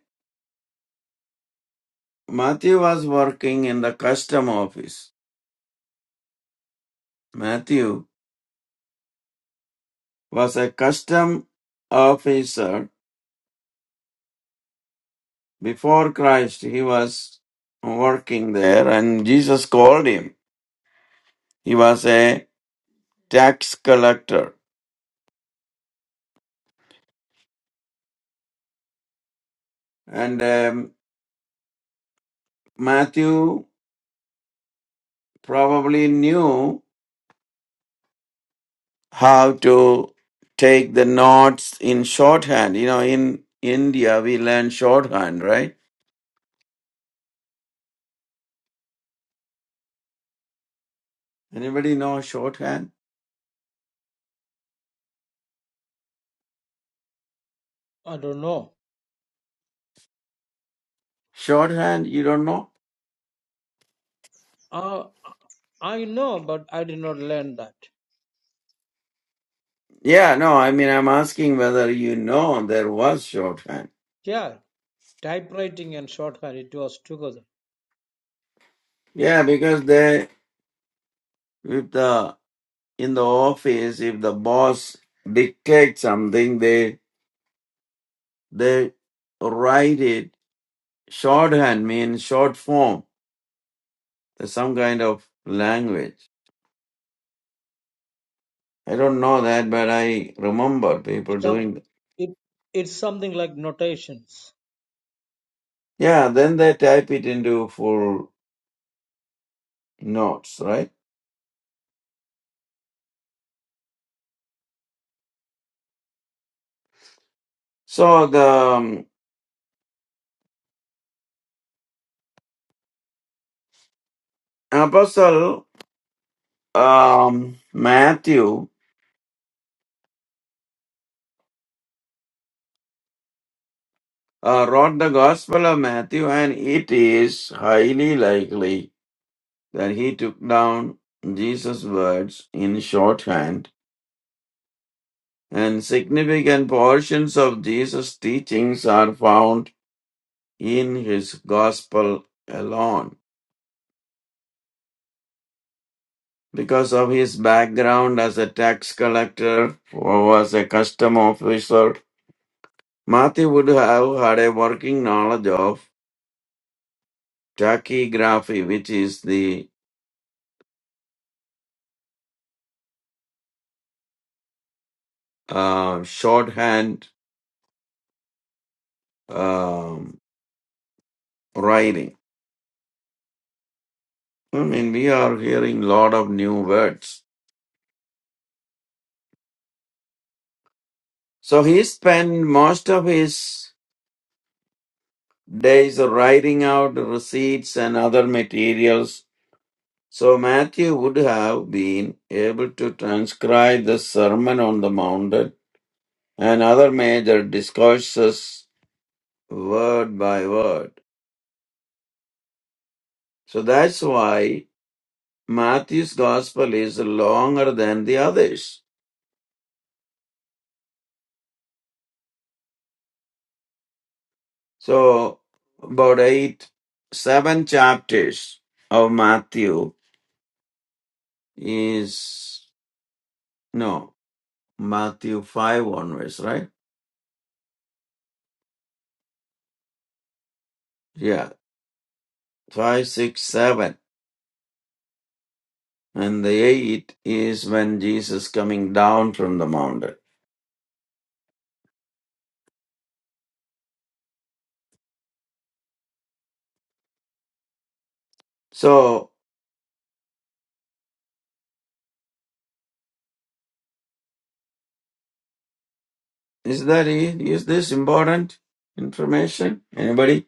[SPEAKER 2] Matthew was working in the custom office. Matthew was a custom officer Before Christ, he was working there and Jesus called him. He was a tax collector. And um, Matthew probably knew how to take the notes in shorthand. You know, in India, we learn shorthand, right? Anybody know shorthand?
[SPEAKER 3] I don't know.
[SPEAKER 2] Shorthand, you don't know?
[SPEAKER 3] Uh, I know, but I did not learn that.
[SPEAKER 2] Yeah, no, I mean, I'm asking whether you know there was shorthand.
[SPEAKER 3] Yeah, typewriting and shorthand, it was together.
[SPEAKER 2] Yeah, because they, with the in the office if the boss dictates something they they write it shorthand means short form there's some kind of language i don't know that but i remember people doing
[SPEAKER 3] Some,
[SPEAKER 2] that
[SPEAKER 3] it, it's something like notations.
[SPEAKER 2] yeah then they type it into full notes right so the um, apostle um, matthew uh, wrote the gospel of matthew and it is highly likely that he took down Jesus' words in shorthand, and significant portions of Jesus' teachings are found in his gospel alone. Because of his background as a tax collector or was a custom officer, Matthew would have had a working knowledge of tachygraphy, which is the uh, shorthand um, writing. I mean, we are hearing a lot of new words So he spent most of his days writing out receipts and other materials. So Matthew would have been able to transcribe the Sermon on the Mount and other major discourses word by word. So that's why Matthew's gospel is longer than the others. So about eight, seven chapters of Matthew is no Matthew 5 onwards, right? Yeah, 5, 6, 7, And the 8 is when Jesus coming down from the mountain. So, is that it? Is this important information? Anybody?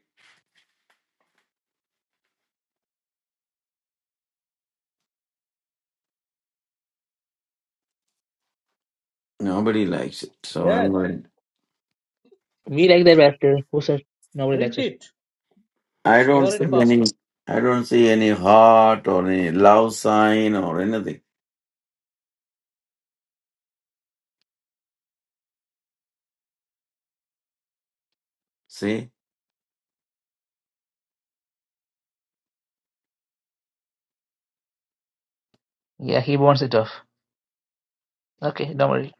[SPEAKER 2] Nobody likes it. So
[SPEAKER 3] Yes,
[SPEAKER 2] I'm going.
[SPEAKER 1] We like that pastor who said? nobody
[SPEAKER 3] read
[SPEAKER 1] likes it.
[SPEAKER 3] it.
[SPEAKER 2] I don't
[SPEAKER 3] Share
[SPEAKER 2] see
[SPEAKER 3] it,
[SPEAKER 2] any.
[SPEAKER 3] Pastor.
[SPEAKER 2] I don't see any heart or any love sign or anything. See,
[SPEAKER 1] Yeah, he wants it off. Okay, don't worry.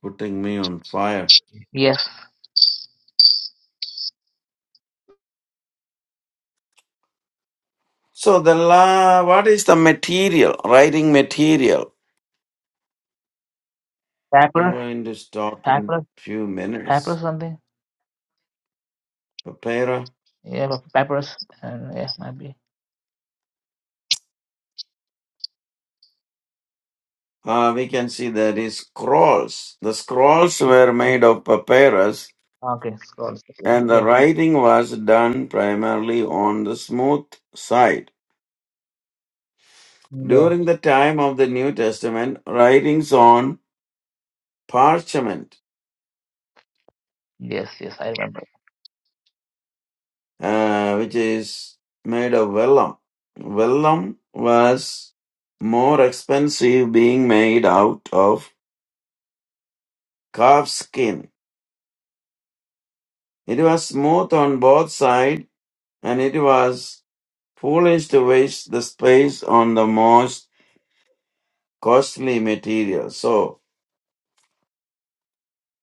[SPEAKER 2] putting me on fire.
[SPEAKER 1] Yes.
[SPEAKER 2] So the la, what is the material? Writing material. I'm
[SPEAKER 1] Papyrus?
[SPEAKER 2] going to stop in
[SPEAKER 1] Papyrus?
[SPEAKER 2] few
[SPEAKER 1] Papyrus
[SPEAKER 2] minutes.
[SPEAKER 1] something?
[SPEAKER 2] Papyra.
[SPEAKER 1] Yeah, pa- papyrus. And yeah, might be.
[SPEAKER 2] Uh, we can see there is scrolls. The scrolls were
[SPEAKER 1] Mm.
[SPEAKER 2] made of papyrus,
[SPEAKER 1] Okay, scrolls. Okay.
[SPEAKER 2] and the
[SPEAKER 1] Yeah.
[SPEAKER 2] writing was done primarily on the smooth side.
[SPEAKER 1] Yeah.
[SPEAKER 2] During the time of the New Testament, writings on parchment,
[SPEAKER 1] Yes, yes, I remember.
[SPEAKER 2] uh, which is made of vellum. Vellum was more expensive, being made out of calf skin. It was smooth on both sides, and it was foolish to waste the space on the most costly material. So,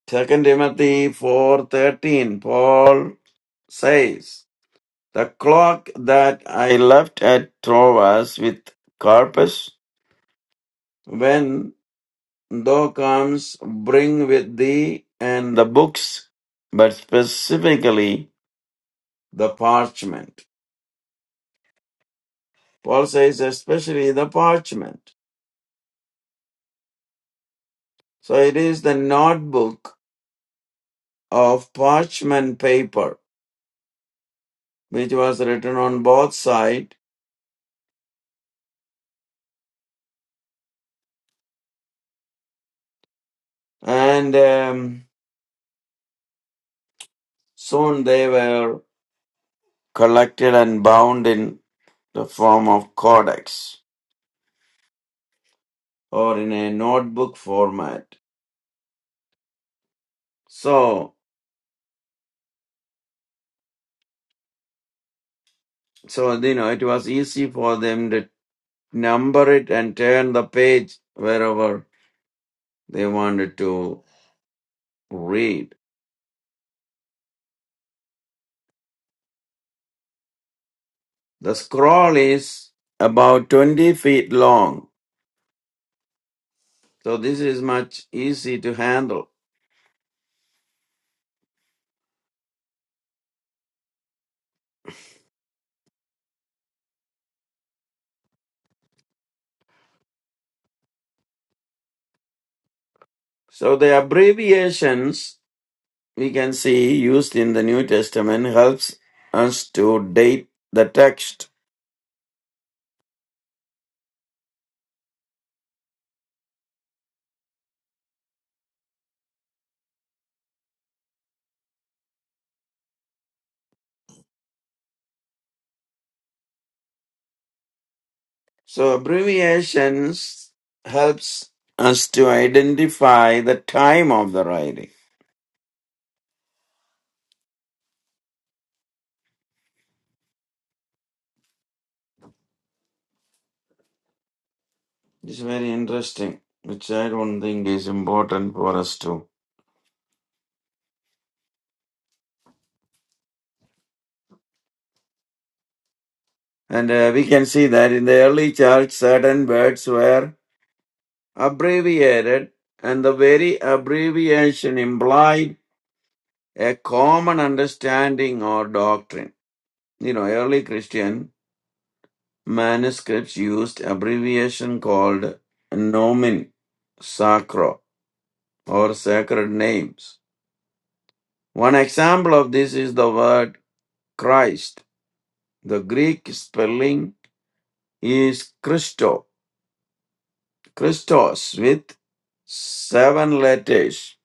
[SPEAKER 2] Second Timothy 4.13, Paul says, The cloak that I left at Troas with Carpus, when thou comes, bring with thee and the books, but specifically the parchment. Paul says, especially the parchment. So it is the notebook of parchment paper, which was written on both sides, and um, soon they were collected and bound in the form of codex or in a notebook format. So, so you know, it was easy for them to number it and turn the page wherever they wanted to read. The scroll is about 20 feet long So this is much easy to handle. So the abbreviations we can see used in the New Testament helps us to date the text. So abbreviations helps us to identify the time of the writing. It's very interesting, which I don't think is important for us to. And uh, we can see that in the early church, certain words were abbreviated, and the very abbreviation implied a common understanding or doctrine. You know, early Christian manuscripts used abbreviation called nomen sacro or sacred names. One example of this is the word Christ. The Greek spelling is Christo, Christos with seven letters.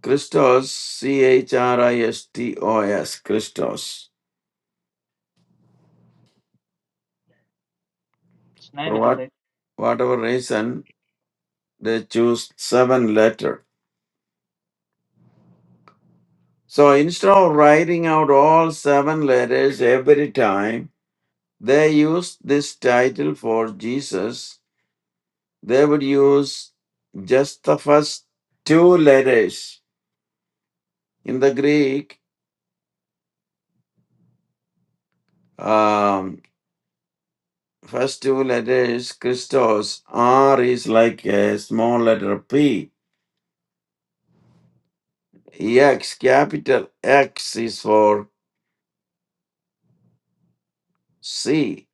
[SPEAKER 2] Christos, C H R I S T O S, Christos.
[SPEAKER 1] It's nine
[SPEAKER 2] For
[SPEAKER 1] letters,
[SPEAKER 2] what,
[SPEAKER 1] right?
[SPEAKER 2] whatever reason, they choose seven letter. So instead of writing out all seven letters every time, they used this title for Jesus. They would use just the first two letters. In the Greek, um, first two letters, Christos, R is like a small letter P. X, capital X is for C.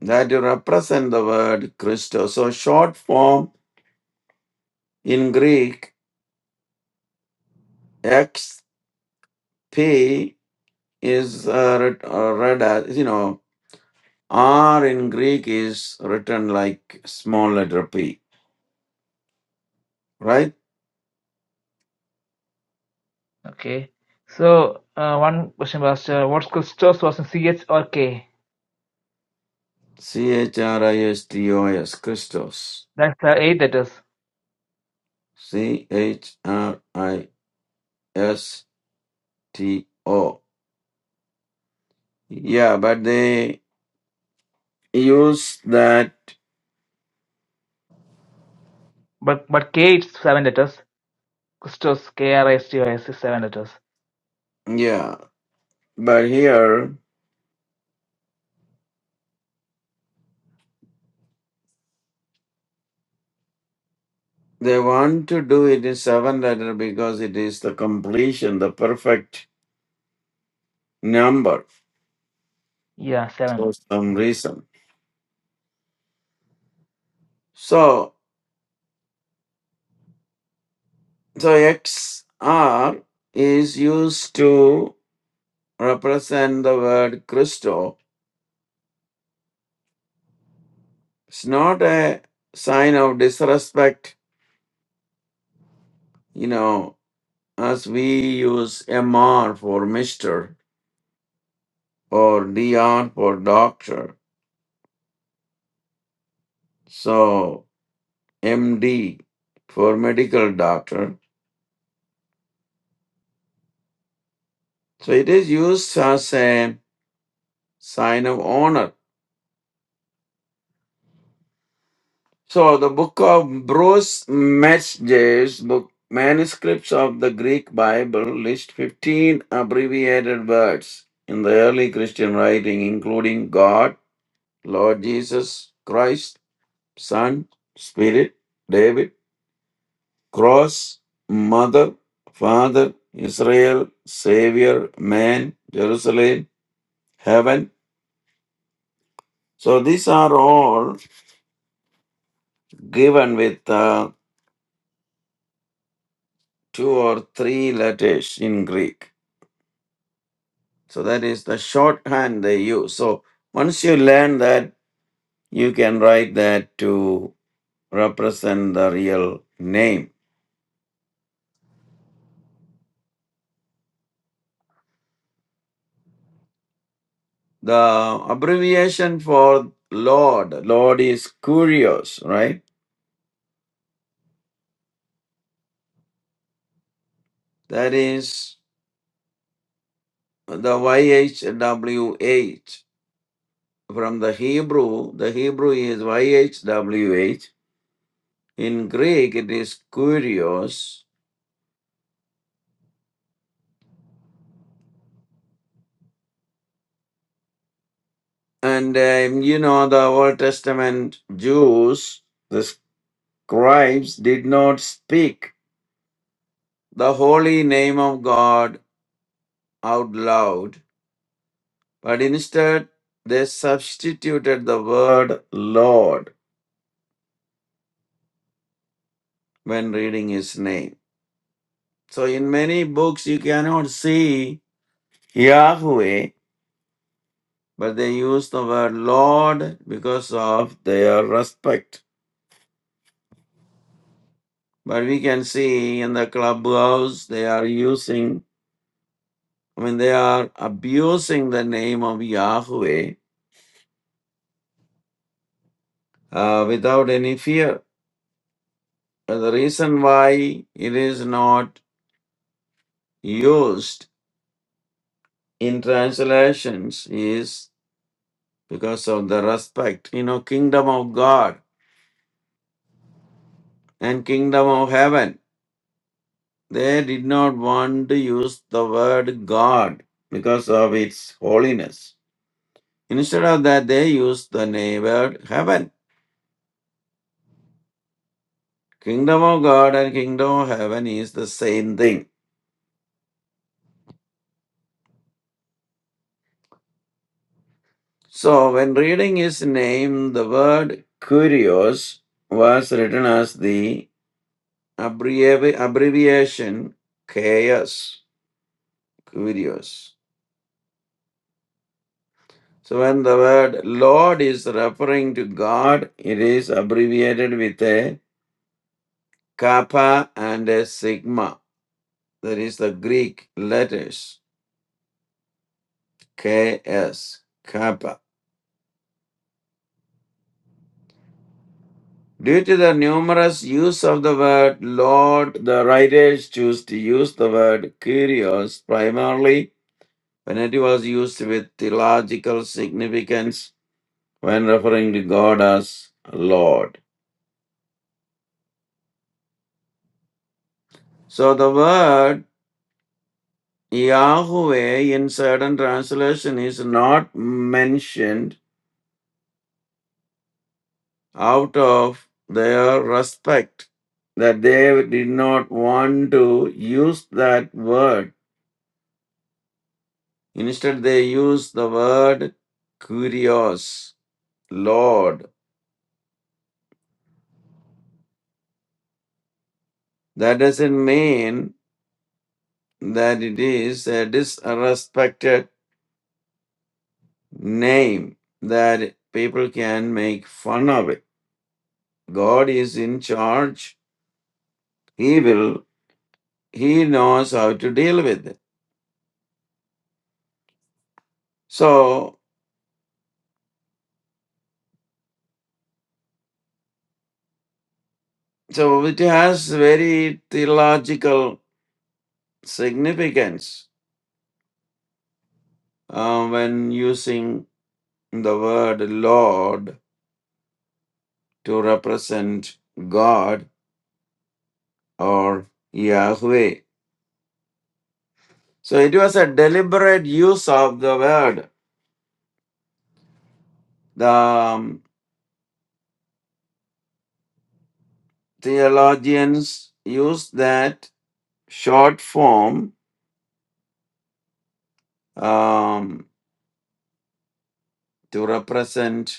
[SPEAKER 2] That to represent the word Christos. So short form In Greek, XP is uh, writ- uh, read as, you know, R in Greek is written like small letter P, right?
[SPEAKER 1] Okay. So, uh, one question, Pastor. What's Christos was in CH or K?
[SPEAKER 2] C H R I S T O S, Christos.
[SPEAKER 1] That's uh, eight letters.
[SPEAKER 2] C H R I S T O. Yeah, but they use that,
[SPEAKER 1] But but K it's seven letters. Christos, K R S T O S, is seven letters.
[SPEAKER 2] yeah. But here, they want to do it in seven letter because it is the completion, the perfect number
[SPEAKER 1] Yeah,
[SPEAKER 2] for
[SPEAKER 1] seven.
[SPEAKER 2] some reason. So the XR is used to represent the word Christo. It's not a sign of disrespect, you know, as we use M R for Mr. or D R for doctor. So MD for medical doctor. So it is used as a sign of honor So the book of Bruce Metzger's book manuscripts of the Greek Bible list 15 abbreviated words in the early Christian writing including God, Lord Jesus Christ, Son, Spirit, David, cross, mother, father, Israel, savior, man, Jerusalem, heaven. So these are all given with uh, two or three letters in Greek. So that is the shorthand they use. So once you learn that, you can write that to represent the real name. The abbreviation for Lord, Lord is Kurios, right? That is the YHWH. From the Hebrew, the Hebrew is YHWH. In Greek, it is Kurios. And um, you know, the Old Testament Jews the Scribes did not speak the holy name of God out loud, but instead they substituted the word Lord when reading his name. So in many books you cannot see Yahweh, but they use the word Lord because of their respect. But we can see in the clubhouse they are using, I mean, they are abusing the name of Yahweh uh, without any fear. And the reason why it is not used in translations is because of the respect. You know, kingdom of God and kingdom of heaven. They did not want to use the word God because of its holiness. Instead of that, they used the na- word heaven. Kingdom of God and kingdom of heaven is the same thing. So when reading his name, the word curios was written as the abbrevi- abbreviation chaos, curious. So when the word Lord is referring to God, it is abbreviated with a kappa and a sigma. That is the Greek letters KS, kappa. Due to the numerous use of the word Lord, the writers choose to use the word Kyrios primarily when it was used with theological significance when referring to God as Lord. So the word Yahweh in certain translation is not mentioned out of their respect that they did not want to use that word. Instead, they use the word kurios, Lord. That doesn't mean that it is a disrespected name that people can make fun of it. God is in charge. He will. He knows how to deal with it. So, so it has very theological significance uh, when using the word Lord to represent God or Yahweh. So it was a deliberate use of the word. The um, theologians used that short form um, to represent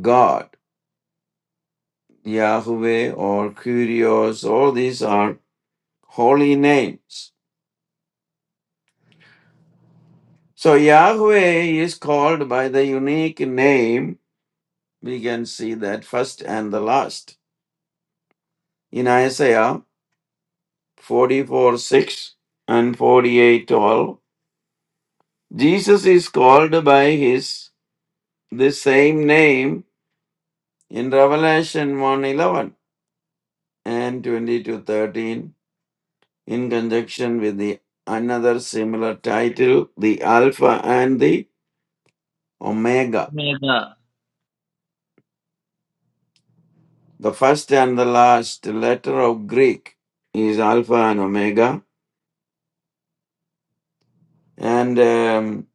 [SPEAKER 2] God, Yahweh, or Kyrios, all these are holy names. So Yahweh is called by the unique name. We can see that first and the last. In Isaiah 44 6 and 48:12. Jesus is called by his the same name in Revelation 1 eleven and 22:13. in conjunction with the another similar title, the Alpha and the Omega. The first and the last letter of Greek is Alpha and Omega, and um,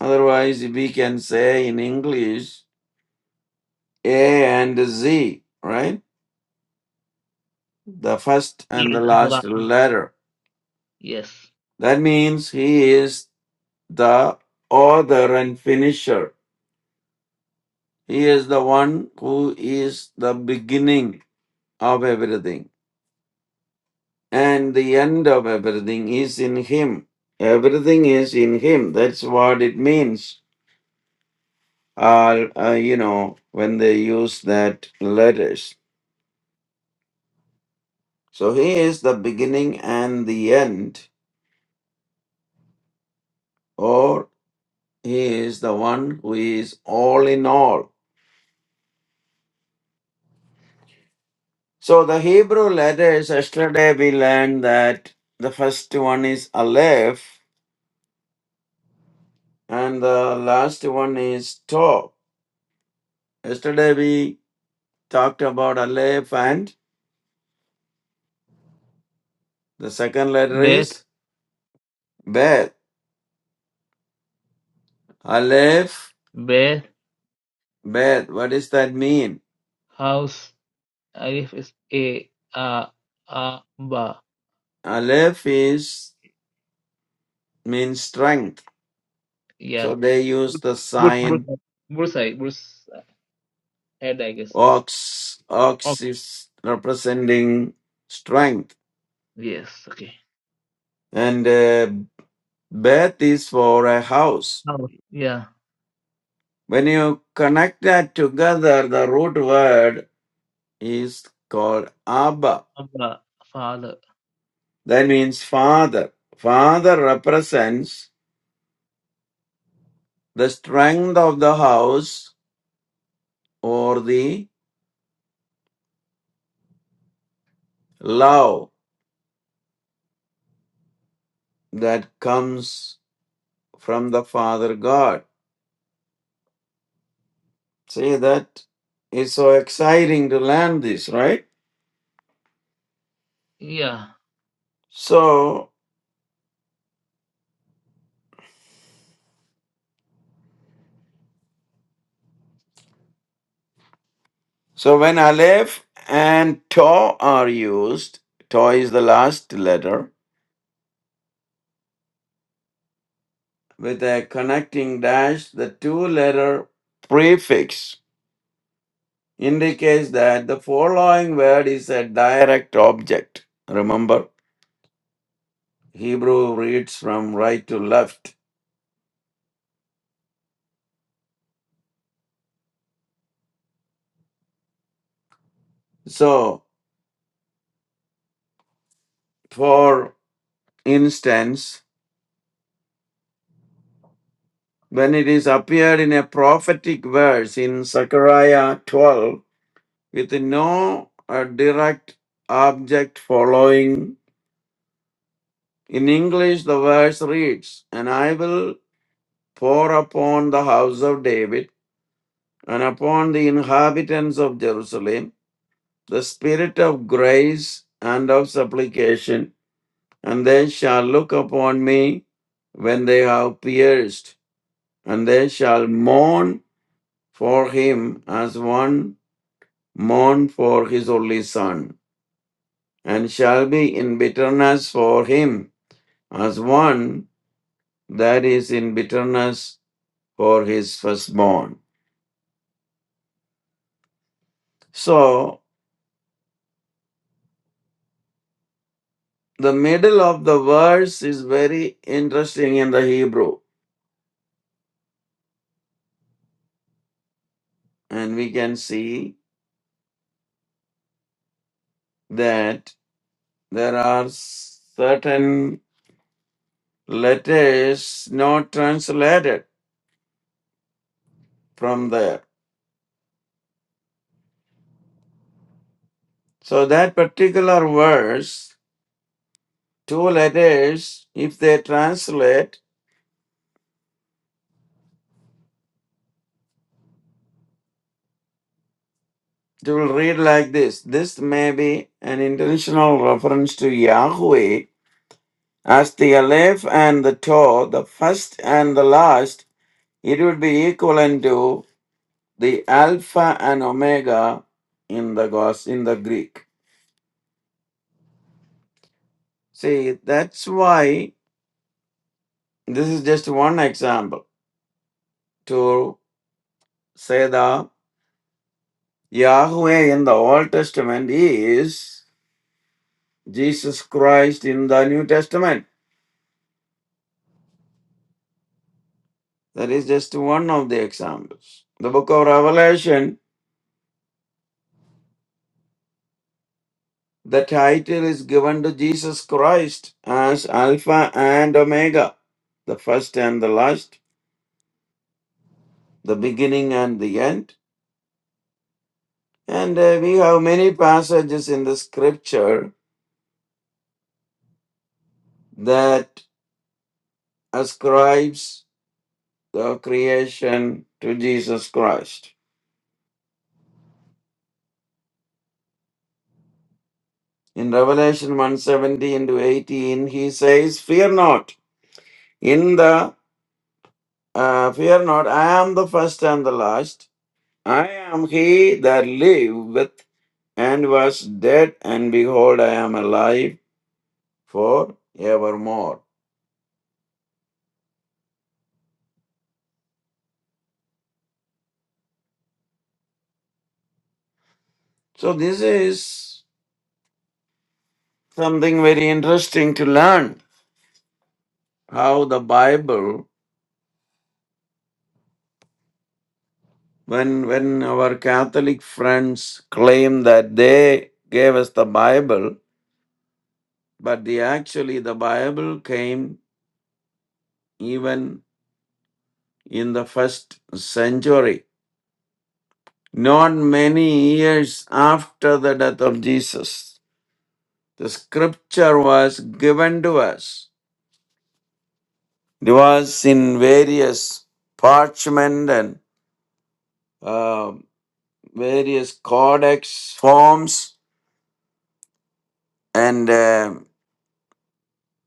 [SPEAKER 2] otherwise we can say in English A and Z, right? The first and the
[SPEAKER 1] Yes, another.
[SPEAKER 2] last letter.
[SPEAKER 1] Yes.
[SPEAKER 2] That means he is the author and finisher. He is the one who is the beginning of everything and the end of everything is in him everything is in him that's what it means uh, uh, you know when they use that letters so he is the beginning and the end or he is the one who is all in all so the hebrew letters yesterday we learned that the first one is aleph and the last one is tau yesterday we talked about aleph and The second letter
[SPEAKER 1] Beth,
[SPEAKER 2] is Beth. Aleph,
[SPEAKER 1] Beth,
[SPEAKER 2] Beth. What does that mean?
[SPEAKER 1] house. Alif is A, A, A, Ba.
[SPEAKER 2] Aleph is means strength. So
[SPEAKER 1] Yeah.
[SPEAKER 2] they use the
[SPEAKER 1] Burs, burs,
[SPEAKER 2] sign
[SPEAKER 1] bursai, burs, head, I guess.
[SPEAKER 2] ox. Ox
[SPEAKER 1] Okay.
[SPEAKER 2] is representing strength,
[SPEAKER 1] Yes, okay.
[SPEAKER 2] and uh, Beth is for a house.
[SPEAKER 1] House. Yeah.
[SPEAKER 2] When you connect that together, the root word is called Abba.
[SPEAKER 1] Abba, father.
[SPEAKER 2] That means father. Father represents the strength of the house or the love that comes from the Father God. See that is so exciting to learn this, right?
[SPEAKER 1] Yeah.
[SPEAKER 2] So, so when Aleph and Tau are used, Tau is the last letter with a connecting dash. The two-letter prefix indicates that the following word is a direct object. Remember, Hebrew reads from right to left. So, for instance, when it is appeared in a prophetic verse in Zechariah 12 with no uh, direct object following. In English, the verse reads, And I will pour upon the house of David and upon the inhabitants of Jerusalem the spirit of grace and of supplication, and they shall look upon me when they have pierced, and they shall mourn for him as one mourned for his only son, and shall be in bitterness for him as one that is in bitterness for his firstborn. So, the middle of the verse is very interesting in the Hebrew, and we can see that there are certain letters not translated from there. So, that particular verse two letters, if they translate, it will read like this. This may be an intentional reference to Yahweh as the Aleph and the Tau, the first and the last. It would be equivalent to the Alpha and Omega in the Gos in the Greek. See, that's why this is just one example to say the Yahweh in the Old Testament is Jesus Christ in the New Testament. That is just one of the examples. The book of Revelation, the title is given to Jesus Christ as Alpha and Omega, the first and the last, the beginning and the end. And uh, we have many passages in the scripture that ascribes the creation to Jesus Christ. In Revelation 117 to 18, he says, Fear not, in the uh, fear not, I am the first and the last. I am he that liveth and was dead, and behold, I am alive for evermore. So, this is something very interesting to learn how the Bible, when, when our Catholic friends claim that they gave us the Bible, but the, actually the Bible came even in the first century, not many years after the death of Jesus The scripture was given to us. It was in various parchment and uh, various codex forms. And um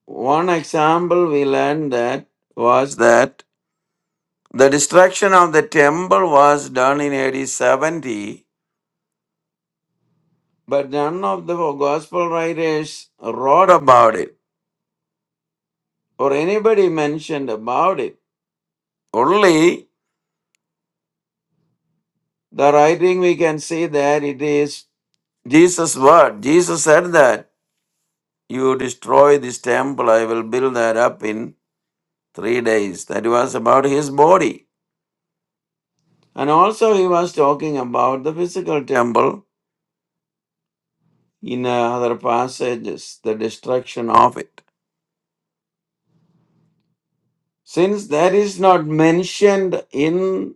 [SPEAKER 2] one example we learned that was that the destruction of the temple was done in AD 70, but none of the gospel writers wrote about it or anybody mentioned about it. Only the writing we can see that it is Jesus' word. Jesus said that you destroy this temple, I will build that up in three days. That was about his body. And also, he was talking about the physical temple in uh, other passages, the destruction of it. Since that is not mentioned in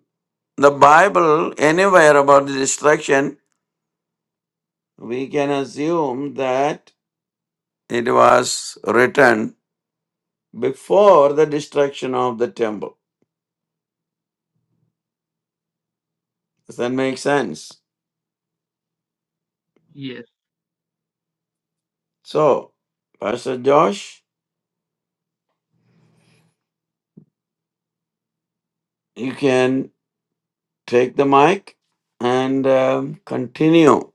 [SPEAKER 2] the Bible anywhere about the destruction, we can assume that it was written before the destruction of the temple. Does that make sense?
[SPEAKER 1] Yes.
[SPEAKER 2] So, Pastor Josh, you can take the mic and um, continue.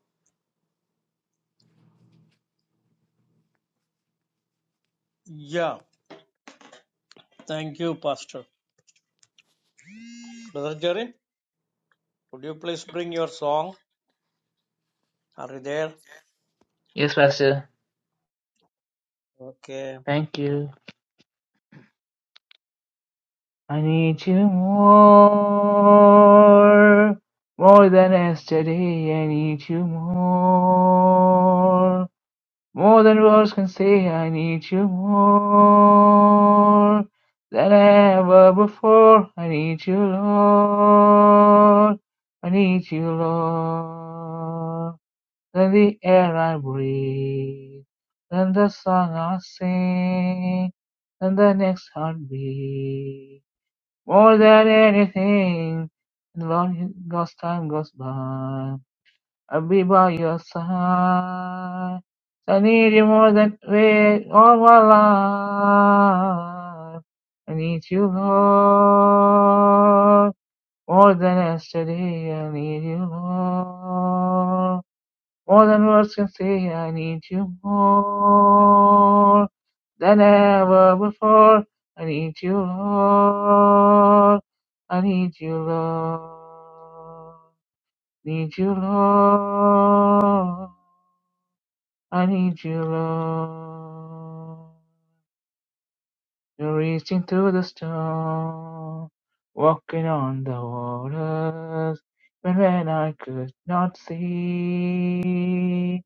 [SPEAKER 3] Yeah, thank you, Pastor. Brother Jerry, would you please bring your song? Are you there?
[SPEAKER 1] Yes, Pastor.
[SPEAKER 3] Okay.
[SPEAKER 1] Thank you. I need you more, more than yesterday. I need you more, more than words can say. I need you more than ever before. I need you, Lord. I need you, Lord. Than the air I breathe, than the song I sing, than the next heartbeat. More than anything, as long as time goes by, I'll be by your side. I need you more than wait all my life. I need you, Lord, more than yesterday. I need you, Lord. More than words can say, I need you more than ever before. I need you, Lord. I need you, Lord. Need you, Lord. I need you, Lord. You're reaching through the storm, walking on the waters. When when I could not see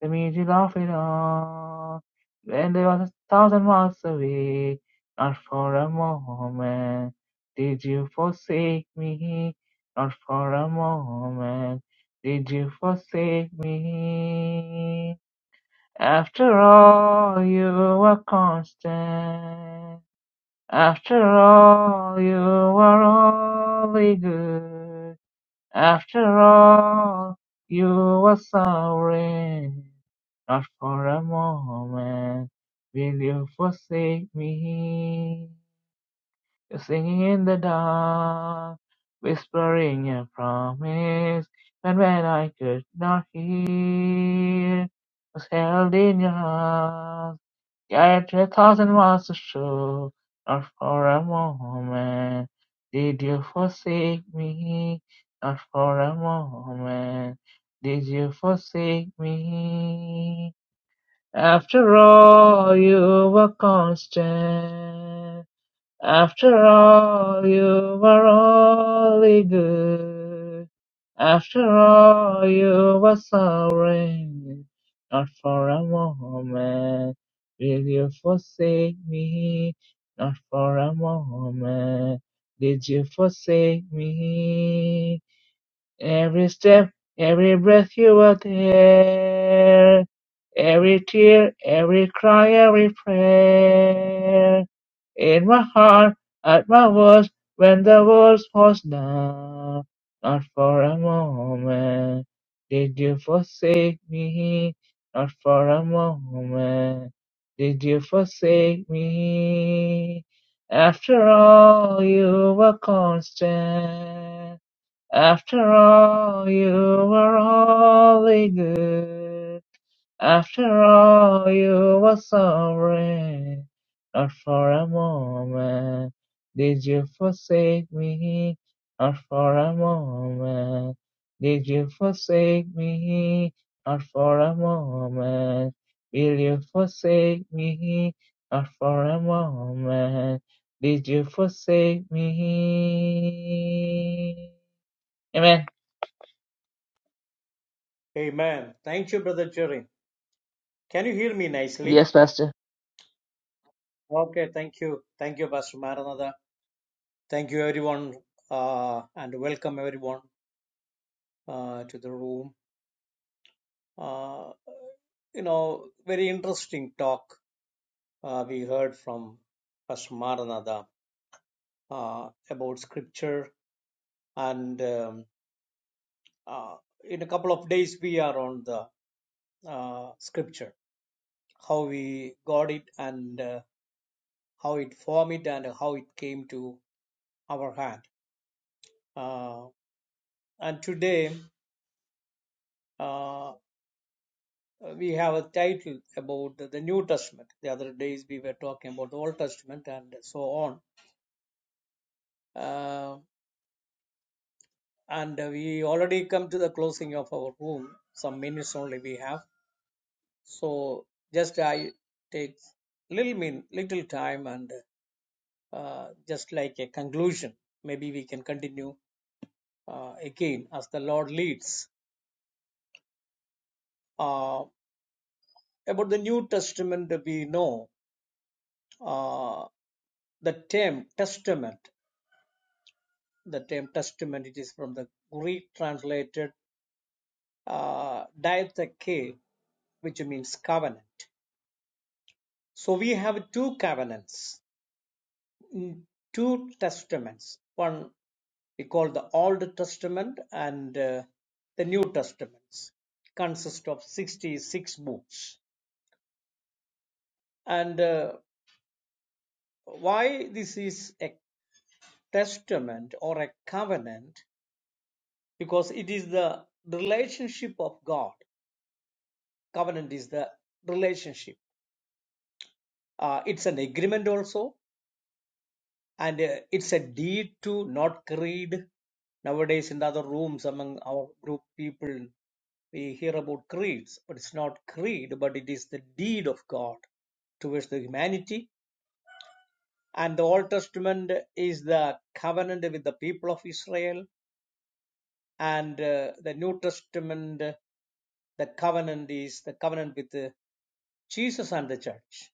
[SPEAKER 1] the music of it all. When they was a thousand miles away, not for a moment did you forsake me, not for a moment did you forsake me. After all, you were constant. After all, you were only good. After all, you were sorry. Not for a moment will you forsake me. You're singing in the dark, whispering a promise. And when I could not hear, was held in your arms. Yet your thousand miles to shore, not for a moment did you forsake me. Not for a moment did you forsake me. After all, you were constant. After all, you were only good. After all, you were sorry. Not for a moment will you forsake me. Not for a moment did you forsake me. Every step, every breath you were there, every tear, every cry, every prayer. In my heart, at my worst, when the world was down, not for a moment did you forsake me, not for a moment did you forsake me. After all, you were constant. After all, you were only good. After all, you were sorry. Not for a moment did you forsake me. Not for a moment did you forsake me. Not for a moment will you forsake me. Not for a moment did you forsake me. Amen.
[SPEAKER 3] Amen. Thank you, Brother Jerry. Can you hear me nicely?
[SPEAKER 1] Yes, Pastor.
[SPEAKER 3] Okay, thank you. Thank you, Pastor Maranatha. Thank you, everyone, uh, and welcome everyone uh, to the room. Uh, you know, very interesting talk uh, we heard from Pastor Maranatha uh, about scripture. And um, uh, in a couple of days, we are on the uh, scripture, how we got it and uh, how it formed it and how it came to our hand. Uh, and today, uh, uh, we have a title about the, the New Testament. The other days we were talking about the Old Testament and so on. Uh, and uh, we already come to the closing of our room. Some minutes only we have. So just I take little min little time and uh, just like a conclusion. Maybe we can continue uh, again as the Lord leads. Uh, about the New Testament, we know uh, the term testament. the term testament it is from the greek translated uh, diatheke which means covenant so we have two covenants mm, two testaments one we call the old testament and uh, the new testaments consist of 66 books and uh, why this is a testament or a covenant because it is the relationship of god covenant is the relationship Uh, it's an agreement also, and uh, it's a deed to not creed. Nowadays, in the other rooms among our group people, we hear about creeds, but it's not creed, but it is the deed of God towards the humanity. And the Old Testament is the covenant with the people of Israel, and uh, the New Testament, uh, the covenant is the covenant with uh, Jesus and the church.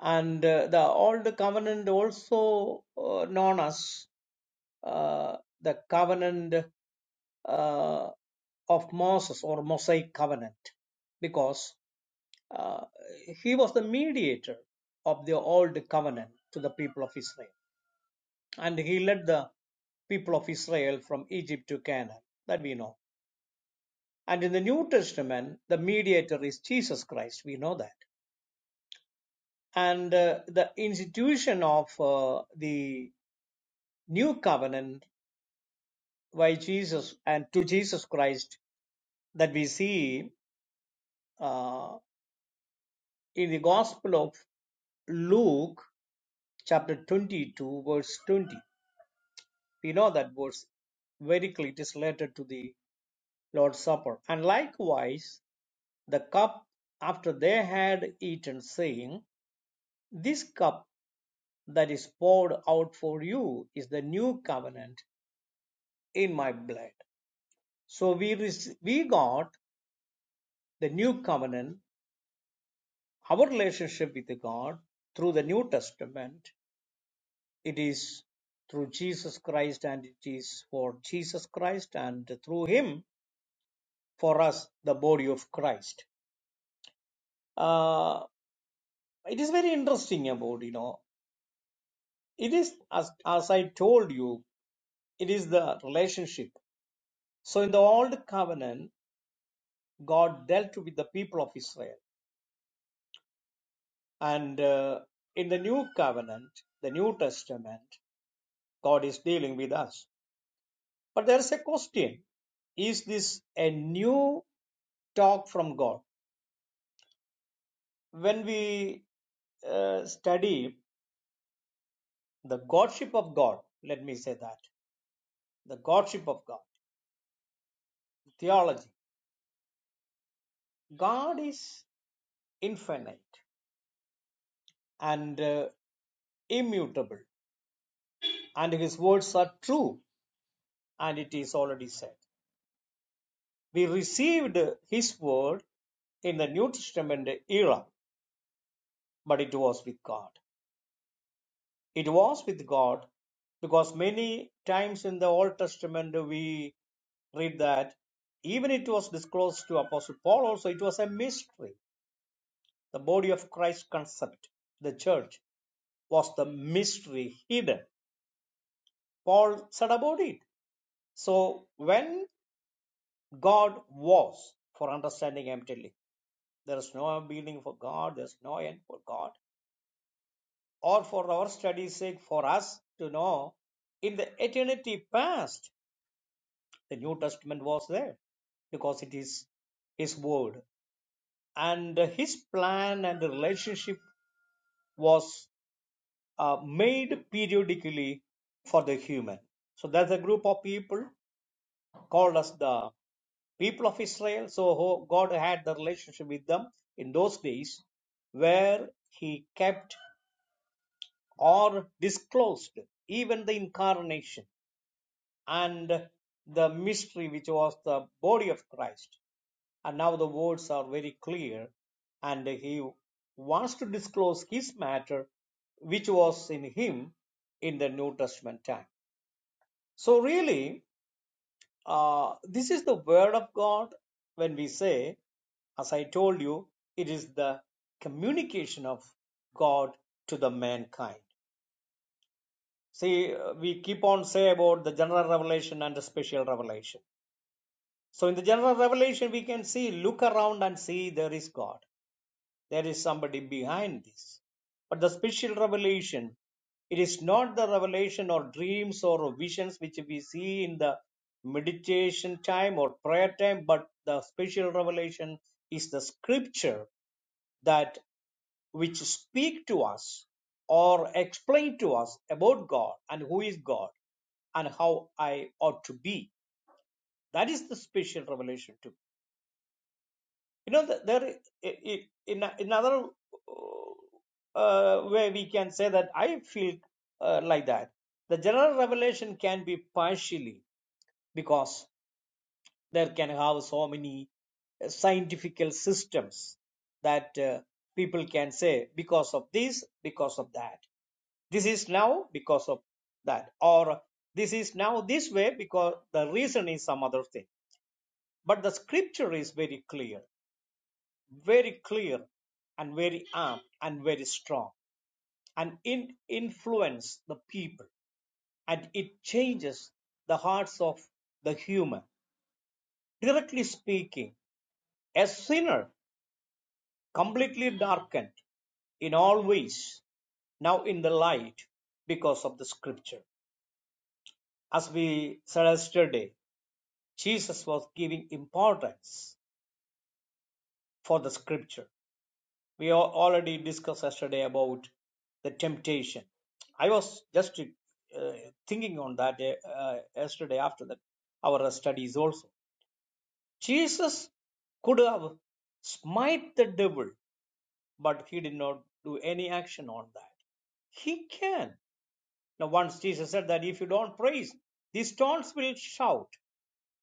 [SPEAKER 3] And uh, the Old Covenant also uh, known as uh, the covenant uh, of Moses or Mosaic covenant because uh, he was the mediator of the old covenant to the people of Israel. And he led the people of Israel from Egypt to Canaan. That we know. And in the New Testament, the mediator is Jesus Christ. We know that. And uh, the institution of uh, the new covenant by Jesus and to Jesus Christ that we see uh, in the Gospel of Luke, chapter 22, verse 20. We know that verse very clearly, it is related to the Lord's Supper. And likewise, the cup after they had eaten, saying, This cup that is poured out for you is the new covenant in my blood. So we, rec- we got the new covenant, our relationship with God through the New Testament It is through Jesus Christ and it is for Jesus Christ and through Him for us, the body of Christ. Uh, it is very interesting about, you know, it is, as, as I told you, it is the relationship. So in the Old Covenant, God dealt with the people of Israel. And uh, in the New Covenant, the New Testament, God is dealing with us. But there's a question Is this a new talk from God? when we uh, study the godship of God, let me say that the godship of God, theology, God is infinite and uh, immutable, and His words are true, and it is already said. We received His word in the New Testament era, but it was with God. It was with God because many times in the Old Testament we read that even it was disclosed to Apostle Paul also, it was a mystery. The body of Christ concept, the church, was the mystery hidden. Paul said about it. So when God was, for understanding emptily, there is no beginning for God, there is no end for God, or for our study's sake, for us to know in the eternity past The New Testament was there because it is His Word. And His plan and the relationship was uh, made periodically for the human. So there's a group of people called as the people of Israel. So who- God had the relationship with them in those days where He kept or disclosed even the incarnation and the mystery which was the body of Christ And now the words are very clear, and he wants to disclose his matter, which was in him in the New Testament time. So, really, uh, this is the Word of God when we say, as I told you, it is the communication of God to the mankind. See, uh, we keep on say about the general revelation and the special revelation. So in the general revelation, we can see, look around and see there is God. There is somebody behind this. But the special revelation, it is not the revelation or dreams or visions which we see in the meditation time or prayer time, but the special revelation is the scripture that which speak to us or explain to us about God and who is God and how I ought to be. That is the special revelation to me. you know th- there i- i- in a- another uh, way we can say that i feel uh, like that the general revelation can be partially because there can have so many uh, scientific systems that uh, people can say because of this because of that this is now because of that or this is now this way because the reason is some other thing but the scripture is very clear very clear and very apt and very strong and it influences the people and it changes the hearts of the human directly speaking a sinner completely darkened in all ways now in the light because of the scripture as we said yesterday jesus was giving importance for the scripture we already discussed yesterday about the temptation i was just uh, thinking on that uh, yesterday after that our studies also jesus could have smite the devil but he did not do any action on that he can now once jesus said that if you don't praise these stones will shout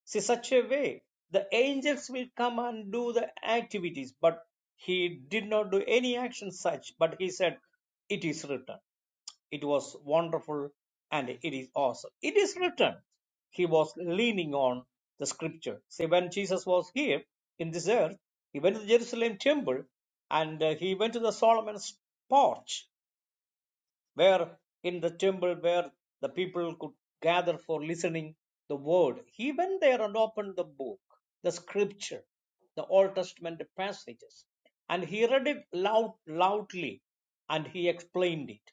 [SPEAKER 3] See, such a way, the angels will come and do the activities, but he did not do any action such, but he said, It is written. It was wonderful and it is awesome. It is written. He was leaning on the scripture. See, when Jesus was here in this earth, he went to the Jerusalem temple and uh, he went to the Solomon's porch where in the temple where the people could gather for listening the word he went there and opened the book the scripture the old testament passages and he read it loud loudly and he explained it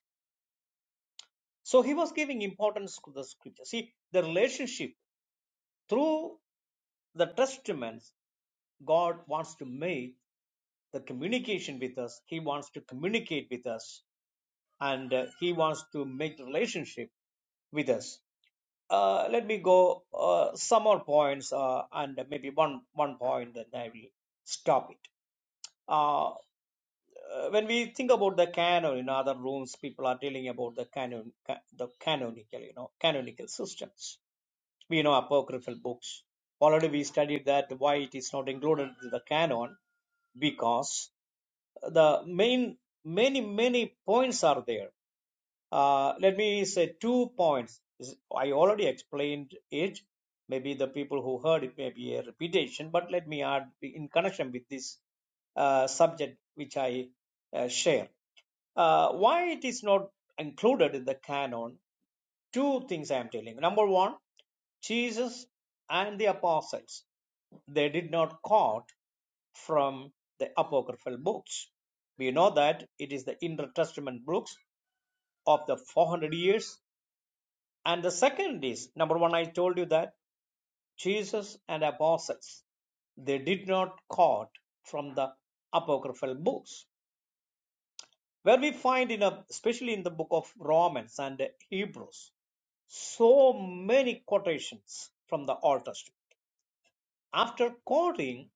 [SPEAKER 3] so he was giving importance to the scripture see the relationship through the testaments god wants to make the communication with us he wants to communicate with us and uh, he wants to make relationship with us Uh, let me go uh, some more points uh, and maybe one one point, then I will stop it. Uh, uh, when we think about the canon in other rooms, people are telling about the canon, ca- the canonical, you know, canonical systems. We know apocryphal books. Already we studied that why it is not included in the canon because the main many many points are there uh, let me say two points. I already explained it. Maybe the people who heard it may be a repetition, but let me add in connection with this uh, subject which I uh, share. Uh, why it is not included in the canon? Two things I am telling. Number one, Jesus and the apostles they did not quote from the apocryphal books. We know that it is the intertestament books of the 400 years. And the second is number one, I told you that Jesus and apostles, they did not quote from the apocryphal books, where we find in a, especially in the book of Romans and Hebrews, so many quotations from the Old Testament. After quoting,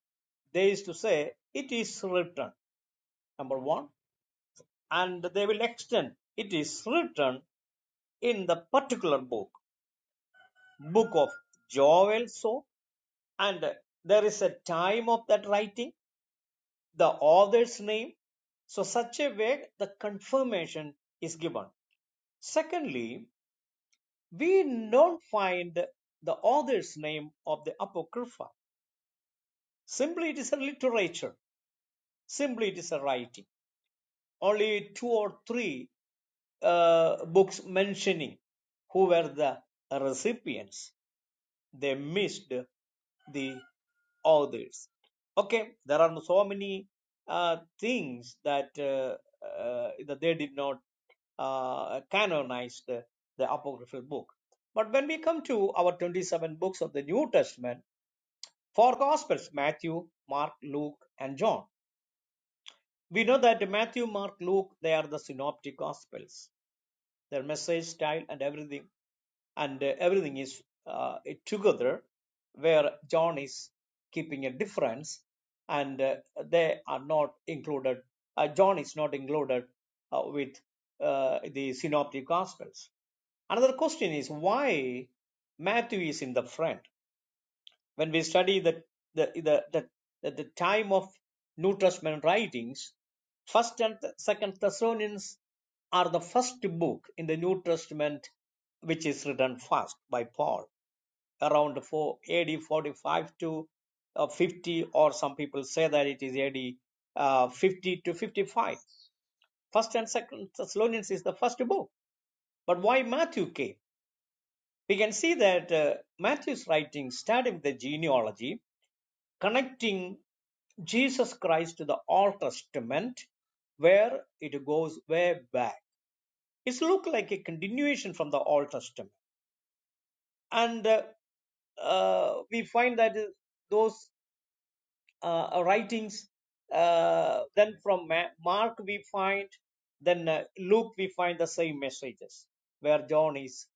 [SPEAKER 3] they used to say, It is written, number one, and they will extend, It is written in the particular book, book of Joel, so and there is a time of that writing, the author's name. So, such a way the confirmation is given. Secondly, we don't find the author's name of the Apocrypha. Simply, it is a literature, simply, it is a writing. Only two or three uh, books mentioning who were the recipients. they missed the others. Okay, there are so many uh, things that uh, uh, that they did not uh, canonize the, the apocryphal book. But when we come to our 27 books of the New Testament, four Gospels Matthew, Mark, Luke, and John. We know that Matthew, Mark, Luke, they are the synoptic Gospels. Their message style and everything and uh, everything is uh, together where john is keeping a difference and uh, they are not included uh, john is not included uh, with uh, the synoptic gospels another question is why matthew is in the front when we study the the the the, the, time of New Testament writings, First and Second Thessalonians are the first book in the New Testament which is written first by Paul around 4 AD 45 to uh, 50, or some people say that it is AD uh, 50 to 55. First and Second Thessalonians is the first book, but why Matthew came? We can see that uh, Matthew's writings starting with the genealogy connecting Jesus Christ to the Old Testament, where it goes way back. It's look like a continuation from the Old Testament, and uh, uh, we find that those uh, uh, writings. Uh, then from Ma- Mark we find, then uh, Luke we find the same messages where John is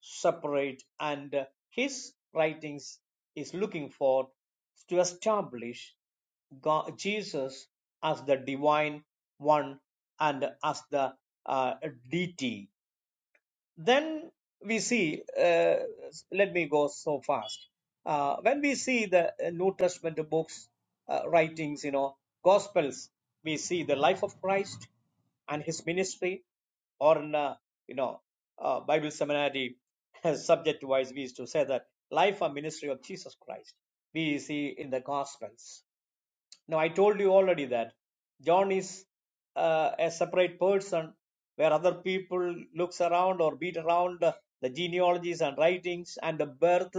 [SPEAKER 3] separate and uh, his writings is looking for to establish God, Jesus as the divine one and as the uh, deity then we see uh, let me go so fast uh, when we see the uh, new testament books uh, writings you know gospels we see the life of christ and his ministry or in uh, you know uh, bible seminary (laughs) subject wise we used to say that life and ministry of jesus christ we see in the gospels now I told you already that John is uh, a separate person where other people looks around or beat around uh, the genealogies and writings and the birth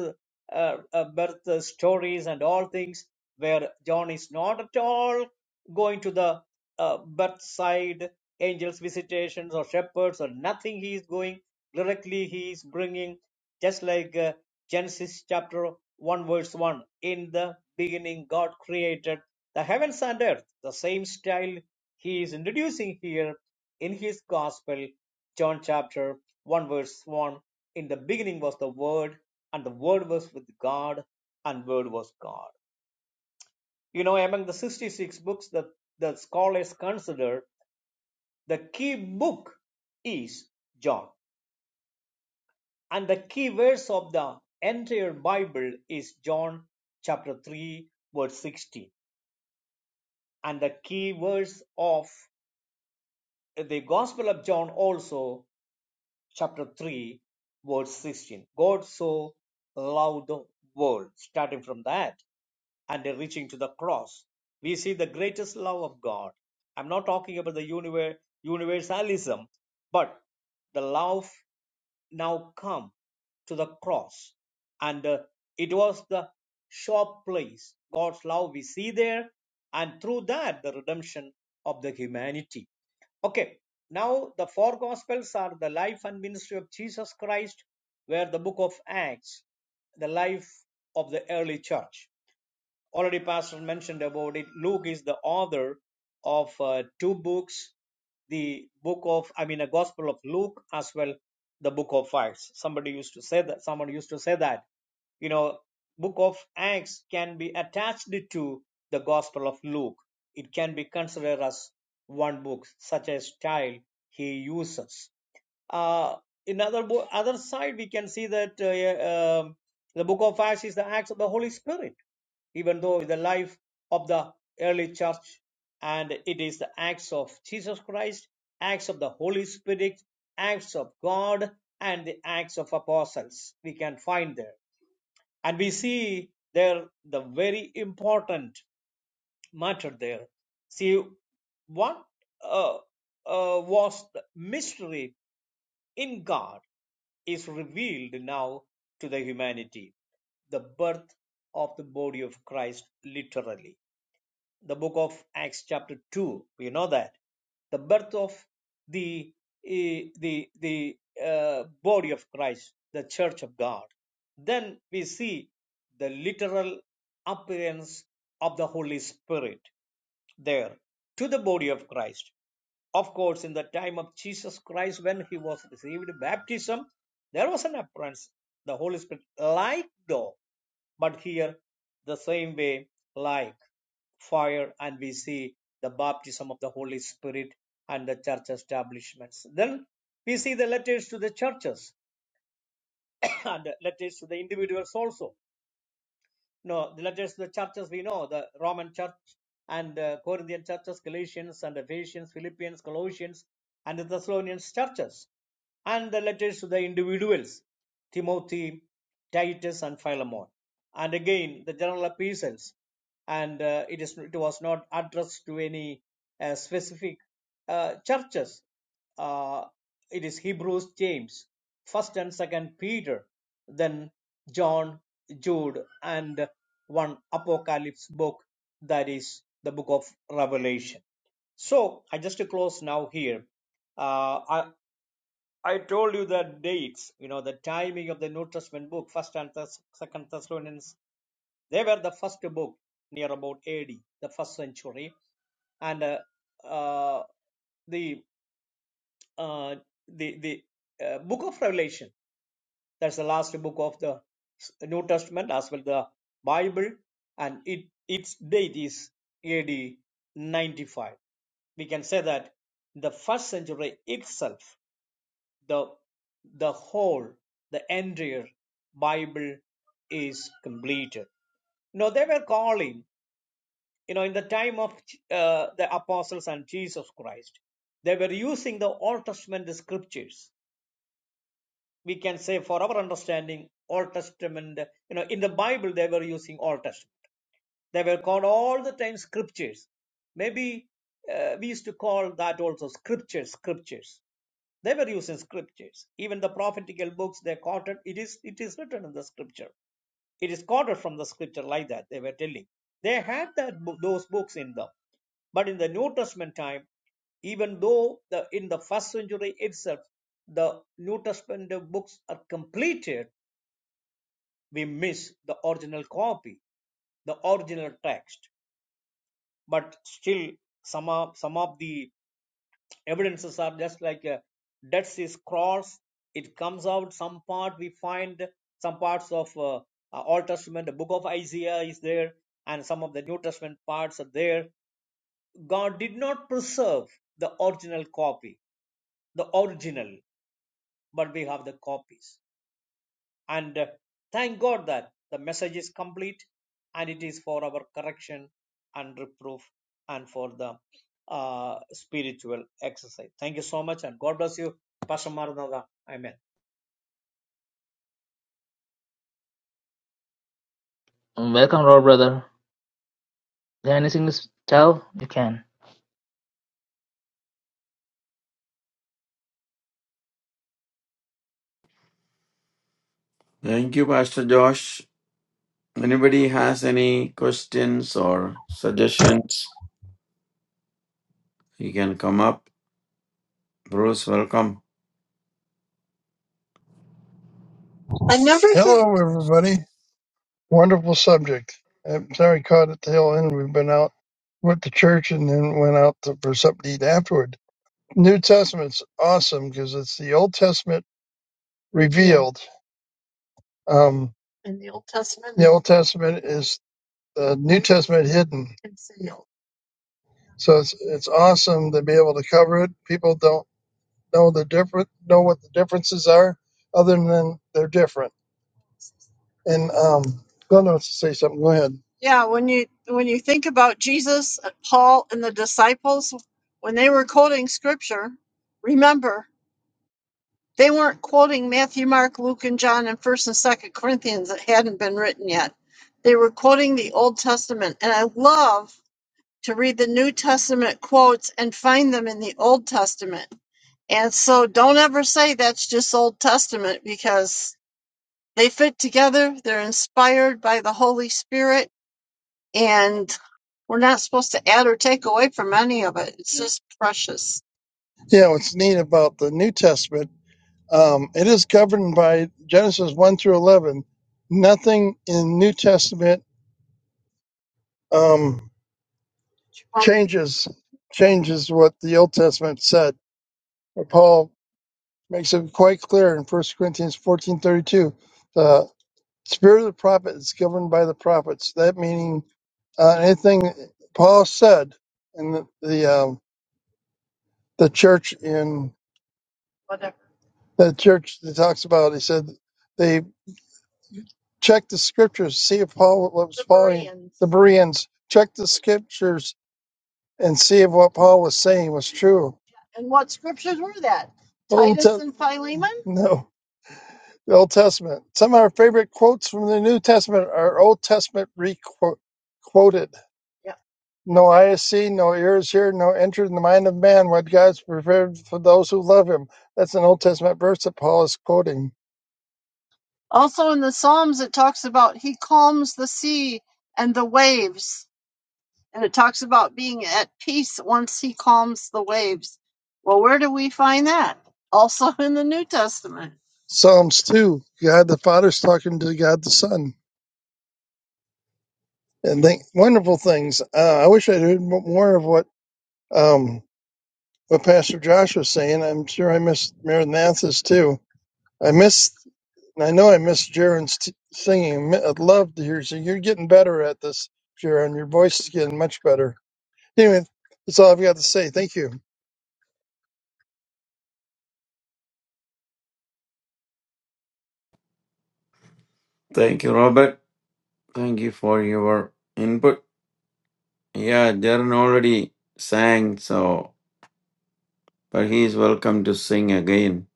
[SPEAKER 3] uh, uh, birth uh, stories and all things where John is not at all going to the uh, birth side angels visitations or shepherds or nothing he is going directly he is bringing just like uh, Genesis chapter 1, verse 1 In the beginning, God created the heavens and earth. The same style he is introducing here in his gospel, John chapter 1, verse 1. In the beginning was the Word, and the Word was with God, and Word was God. You know, among the 66 books that the scholars consider, the key book is John. And the key verse of the entire Bible is John chapter 3, verse 16. And the key verse of the Gospel of John also, chapter 3, verse 16. God so loved the world, starting from that and then reaching to the cross. We see the greatest love of God. I'm not talking about the universe, universalism, but the love now come to the cross. And uh, it was the sure place, God's love we see there, and through that, the redemption of the humanity. Okay, now the four gospels are the life and ministry of Jesus Christ, where the book of Acts, the life of the early church. Already, Pastor mentioned about it. Luke is the author of uh, two books the book of, I mean, the Gospel of Luke as well, the book of Acts. Somebody used to say that, someone used to say that, you know, book of Acts can be attached to the Gospel of Luke. It can be considered as one book, such a style he uses uh, in other bo- other side, we can see that uh, uh, the book of Acts is the acts of the Holy Spirit, even though the life of the early church and it is the acts of Jesus Christ, acts of the Holy Spirit, acts of God, and the acts of apostles we can find there. And we see there the very important matter there. See, what uh, uh, was the mystery in God is revealed now to the humanity, the birth of the body of Christ literally. The book of Acts chapter 2, we know that. The birth of the, eh, the, the uh, body of Christ, the church of God. Then we see the literal appearance of the Holy Spirit there to the body of Christ. Of course, in the time of Jesus Christ, when he was received baptism, there was an appearance, the Holy Spirit, like though, but here the same way, like fire, and we see the baptism of the Holy Spirit and the church establishments. Then we see the letters to the churches (coughs) and letters to the individuals also no, the letters, the churches we know, the Roman church and the Corinthian churches, Galatians and Ephesians, Philippians, Colossians, and the Thessalonians churches, and the letters to the individuals, Timothy, Titus, and Philemon. And again, the general epistles, and uh, it, is, it was not addressed to any uh, specific uh, churches uh, it is Hebrews, James, First and Second Peter, then John, Jude, and one Apocalypse book that is the book of Revelation. So I just close now here. Uh, I I told you the dates, you know, the timing of the New Testament book, First and Thess- Second Thessalonians. They were the first book near about AD, the first century, and uh, uh, the uh, the the uh, book of Revelation. That's the last book of the New Testament as well the Bible, and it its date is AD 95. We can say that the first century itself, the the whole, the entire Bible is completed. You know, they were calling, you know, in the time of uh, the apostles and Jesus Christ, they were using the Old Testament scriptures we can say for our understanding old testament you know in the bible they were using old testament they were called all the time scriptures. Maybe uh, we used to call that also scriptures, scriptures. They were using scriptures. Even the prophetical books they quoted, it is it is written in the scripture. It is quoted from the scripture like that. They were telling. They had that book, those books in them. But in the New Testament time, even though the in the first century itself the new testament books are completed we miss the original copy the original text but still some of some of the evidences are just like uh, Dead Sea's cross. It comes out some part we find some parts of uh, uh, Old Testament, the Book of Isaiah is there, and some of the New Testament parts are there. God did not preserve the original copy, the original, but we have the copies And uh, thank God that the message is complete and it is for our correction and reproof and for the uh, spiritual exercise. Thank you so much and God bless you, Pastor Maranatha. Amen.
[SPEAKER 1] Welcome, Lord, brother. Is there anything to s- tell? You can.
[SPEAKER 2] Thank you, Pastor Josh. Anybody has any questions or suggestions? You can come up. Bruce, welcome.
[SPEAKER 4] I never Hello, everybody. Wonderful subject. I'm sorry, I caught at the hill end. We've been out with the church and then went out to, for something to eat afterward. New Testament's awesome because it's the Old Testament Yeah, revealed. Um, in the Old Testament, the Old Testament is the New Testament hidden. concealed. So it's it's awesome to be able to cover it. People don't know the different know what the differences are, other than they're different. And um, Glenn wants to say something. Go ahead. Yeah, when you when you think about Jesus, uh, Paul, and the disciples, when they were quoting scripture, remember they weren't quoting Matthew, Mark, Luke, and John and First and Second Corinthians that hadn't been written yet. They were quoting the Old Testament, and I love to read the New Testament quotes and find them in the Old Testament. And so, don't ever say that's just Old Testament because they fit together. They're inspired by the Holy Spirit, and we're not supposed to add or take away from any of it. It's just precious. Yeah, what's neat about the New Testament, um, it is governed by Genesis 1 through 11. Nothing in New Testament um, changes changes what the Old Testament said. Paul makes it quite clear in First Corinthians 14.32 Spirit of the prophet is governed by the prophets. That meaning uh, anything Paul said in the the, um, the church in the church that talks about. He said they check the scriptures, see if Paul was the following Bereans. the Bereans. Check the scriptures and see if what Paul was saying was true. And what scriptures were that Old Titus Te- and Philemon? No. the Old Testament. Some of our favorite quotes from the New Testament are Old Testament quoted. Yeah. No eye has seen, no ear has heard, no entered in the mind of man what God's prepared for those who love Him. That's an Old Testament verse that Paul is quoting. Also in the Psalms, it talks about He calms the sea and the waves and it talks about being at peace once he calms the waves. Well, where do we find that? Also (laughs) in the New Testament. Psalms 2, God the Father's talking to God the Son. And they, wonderful things. Uh, I wish I'd heard m- more of what um, what Pastor Josh was saying. I'm sure I missed Maranatha's too. I missed, and I know I missed Jaron's t- singing. Mi- I'd love to hear you sing. You're getting better at this, Jaron. Your voice is getting much better. Anyway, that's all I've got to say. Thank you.
[SPEAKER 2] Thank you, Robert. Thank you for your input. Yeah, Darren already sang, so but he is welcome to sing again.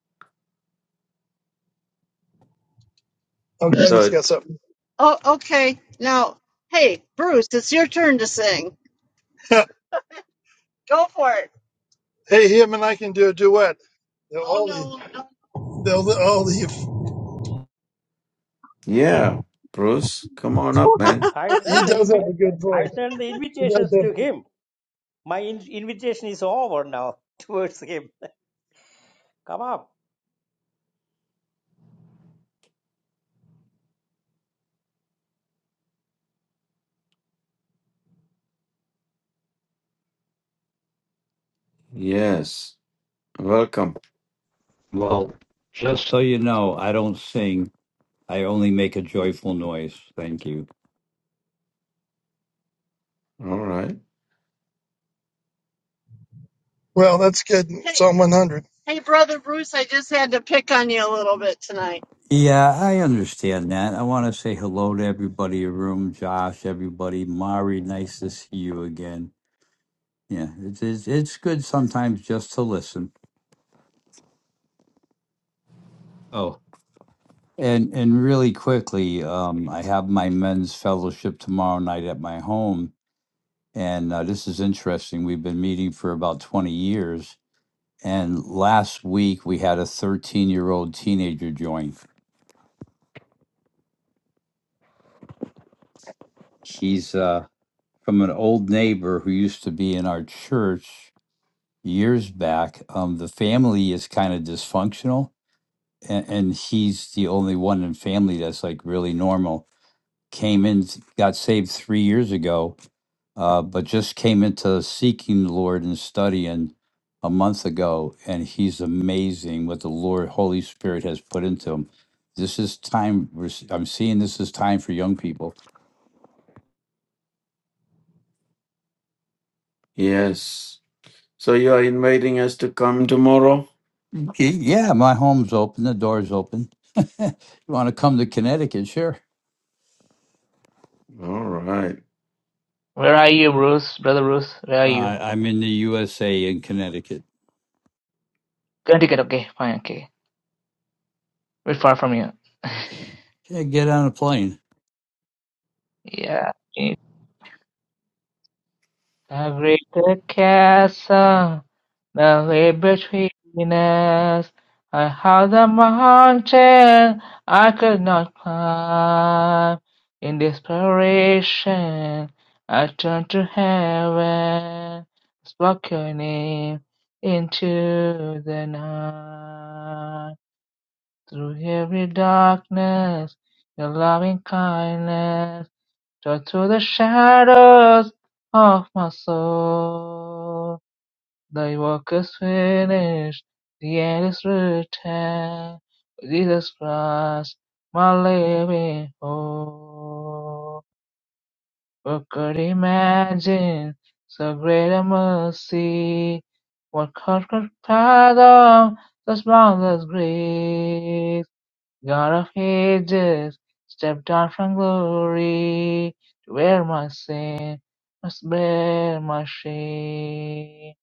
[SPEAKER 4] Okay, let me just
[SPEAKER 2] So,
[SPEAKER 4] get something. Oh, okay. Now, hey, Bruce, it's your turn to sing. (laughs) Go for it. hey, him and I can do a duet. They'll Oh all leave. no, no. They'll all leave.
[SPEAKER 2] yeah, Bruce, come on up, man.
[SPEAKER 3] I sent
[SPEAKER 4] He (laughs)
[SPEAKER 3] the
[SPEAKER 4] does have
[SPEAKER 3] invi-
[SPEAKER 4] a good
[SPEAKER 3] I
[SPEAKER 4] voice.
[SPEAKER 3] sent the
[SPEAKER 4] He does
[SPEAKER 3] invitations
[SPEAKER 4] have.
[SPEAKER 3] to him. My in- invitation is over now (laughs) towards him. Come up.
[SPEAKER 2] Yes, welcome.
[SPEAKER 5] Well, just so you know, I don't sing. I only make a joyful noise. Thank you.
[SPEAKER 2] All right.
[SPEAKER 4] Well, that's good. Hey, Psalm 100. hey, brother Bruce, I just had to pick on you a little bit tonight.
[SPEAKER 5] Yeah, I understand that. I want to say hello to everybody in the room, Josh, everybody. Mari, nice to see you again. Yeah, it's it's, it's good sometimes just to listen. Oh, and and really quickly, um, I have my men's fellowship tomorrow night at my home, and uh, this is interesting. We've been meeting for about twenty years, And last week we had a 13 year old teenager join. She's uh, from an old neighbor who used to be in our church years back. Um, the family is kind of dysfunctional, and, and he's the only one in family that's like really normal. Came in, got saved three years ago, uh, but just came into seeking the Lord and studying a month ago, and he's amazing what the Lord Holy Spirit has put into him. This is time. we're s- I'm seeing this is time for young people.
[SPEAKER 2] Yes. So you are inviting us to come tomorrow?
[SPEAKER 5] "Okay, Yeah, my home's open. The door's open. (laughs) you want to come to Connecticut? Sure.
[SPEAKER 2] All right.
[SPEAKER 1] Where are you, Bruce? Brother Bruce, where are you?
[SPEAKER 5] Uh, I'm in the USA in Connecticut.
[SPEAKER 1] Connecticut, okay, fine, okay. We're far from you.
[SPEAKER 5] Yeah, get on a plane.
[SPEAKER 1] (laughs) yeah. The greater chasm, the way between us, I have the mountain I could not climb. In desperation, I turned to heaven, spoke your name into the night. Through every darkness, your loving kindness. Down through the shadows of my soul, thy work is finished, the end is written. Jesus Christ, my living hope. Who could imagine so great a mercy? What heart could fathom such boundless grace? God of ages, step down from glory to wear my sin must bear my shame.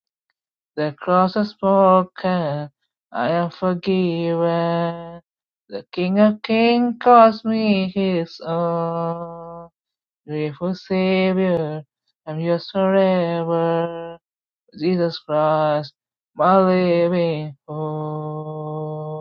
[SPEAKER 1] The cross has spoken, I am forgiven. The King of Kings calls me his own. Grateful Savior, I'm yours forever. Jesus Christ, my living hope.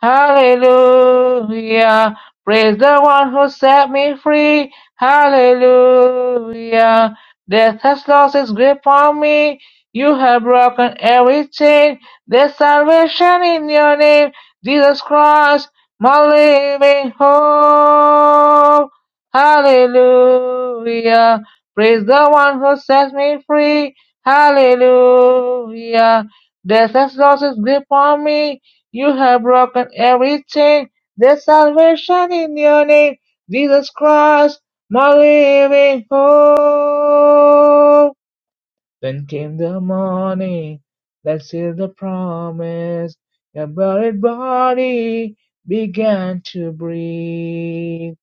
[SPEAKER 1] Hallelujah. Praise the one who set me free. Hallelujah. Death has lost its grip on me. You have broken every chain. There's salvation in your name. Jesus Christ, my living hope. Hallelujah. Praise the one who set me free. Hallelujah. Death has lost its grip on me. You have broken every chain. There's salvation in your name. Jesus Christ, my living hope. Then came the morning. that sealed the promise. Your buried body began to breathe.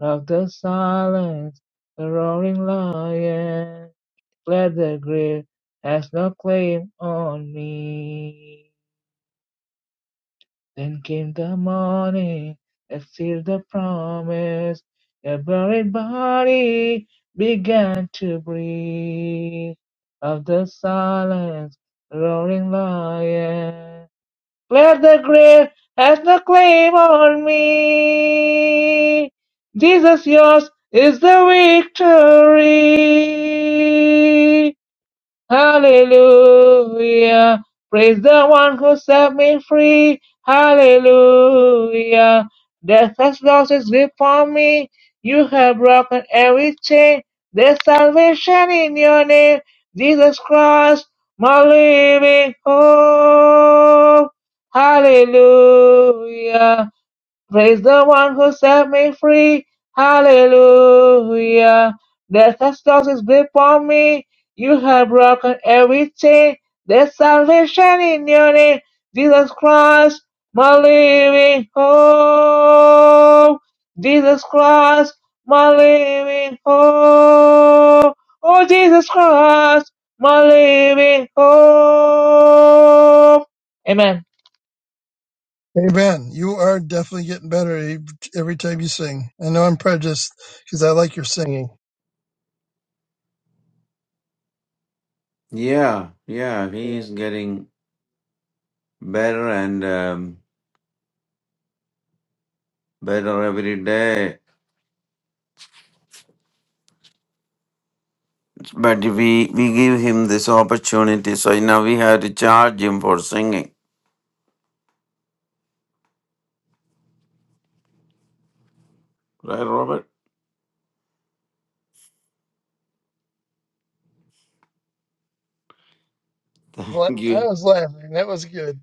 [SPEAKER 1] Of the silence, the roaring lion fled the grave. Has no claim on me. Then came the morning that sealed the promise. Your buried body began to breathe. Of the silence, roaring lion. Glad the grave has no claim on me. Jesus, yours is the victory. Hallelujah. Praise the one who set me free. Hallelujah. Death has lost its grip on me. You have broken every chain. There's salvation in your name. Jesus Christ, my living hope. Hallelujah. Praise the one who set me free. Hallelujah. Death has closed its grip on me. You have broken every chain. There's salvation in your name. Jesus Christ, my living hope. Jesus Christ, my living hope. Oh, Jesus Christ, my living hope. Amen.
[SPEAKER 4] Amen. You are definitely getting better e- every time you sing. I know I'm prejudiced because I like your singing.
[SPEAKER 2] Yeah, yeah, he
[SPEAKER 3] Amen.
[SPEAKER 2] is getting better and um, better every day. But we we give him this opportunity, so now we have to charge him for singing. Right, Robert? (laughs)
[SPEAKER 4] La-
[SPEAKER 2] Thank
[SPEAKER 4] I
[SPEAKER 2] you.
[SPEAKER 4] was laughing. That was good.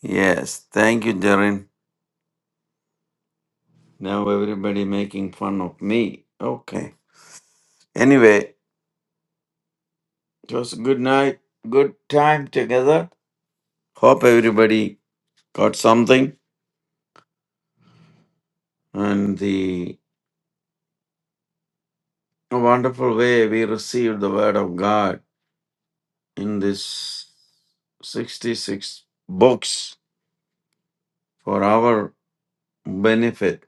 [SPEAKER 2] Yes, thank you, Darren. Now everybody making fun of me. Okay. Anyway, it was a good night, good time together. Hope everybody got something. and the wonderful way we received the word of God in this 66 books for our benefit.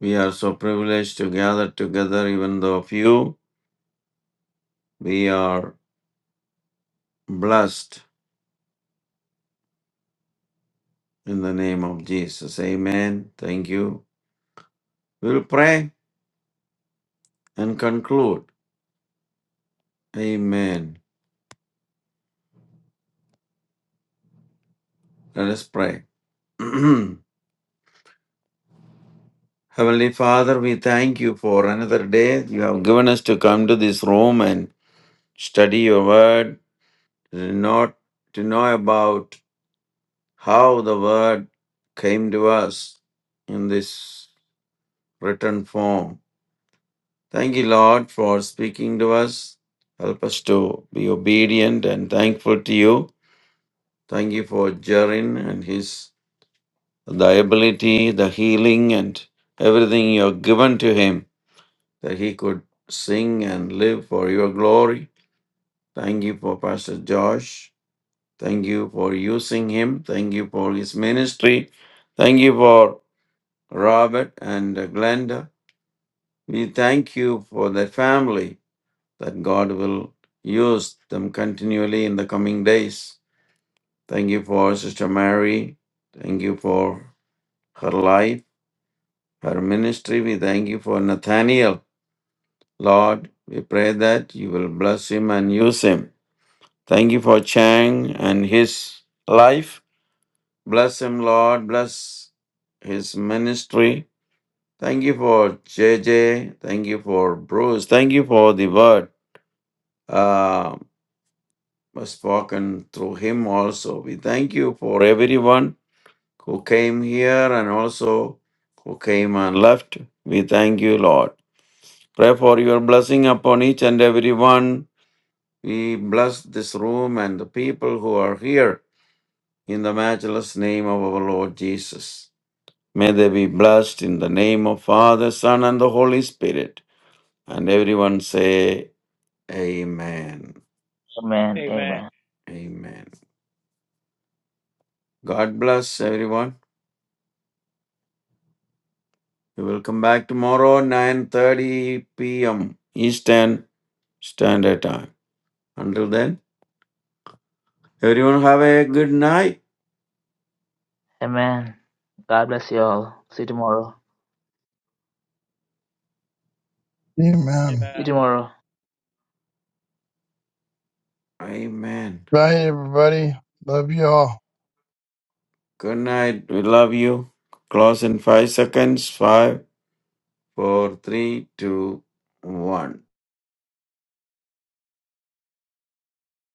[SPEAKER 2] We are so privileged to gather together, even though few. We are blessed in the name of Jesus. Amen. Thank you. We'll pray and conclude. Amen. Let us pray. (clears throat) Heavenly Father, we thank you for another day you have given us to come to this room and study your word, to know, to know about how the word came to us in this written form. Thank you, Lord, for speaking to us. Help us to be obedient and thankful to you. Thank you for Jarin and his the ability, the healing, and everything you have given to him that he could sing and live for your glory. Thank you for Pastor Josh Thank you for using him. Thank you for his ministry. Thank you for Robert and Glenda. We thank you for the family that God will use them continually in the coming days. Thank you for Sister Mary. Thank you for her life, her ministry. We thank you for Nathaniel. Lord, we pray that you will bless him and use him. Thank you for Chang and his life. Bless him, Lord. Bless his ministry. Thank you for J J. Thank you for Bruce. Thank you for the word uh, was spoken through him also. We thank you for everyone who came here and also who came and left. We thank you, Lord. Pray for your blessing upon each and every one. We bless this room and the people who are here in the matchless name of our Lord Jesus. May they be blessed in the name of Father, Son, and the Holy Spirit. And everyone say, Amen.
[SPEAKER 1] Amen. Amen.
[SPEAKER 3] Amen.
[SPEAKER 2] Amen. God bless everyone. We will come back tomorrow, 9.30 p.m. Eastern Standard Time. Until then, everyone have a good night.
[SPEAKER 1] Amen. God bless you all. See you tomorrow.
[SPEAKER 4] Amen.
[SPEAKER 1] See you
[SPEAKER 3] Amen.
[SPEAKER 1] tomorrow.
[SPEAKER 2] Amen.
[SPEAKER 4] Bye, everybody. Love you all.
[SPEAKER 2] Good night. We love you. Close in five seconds. Five, four, three, two, one.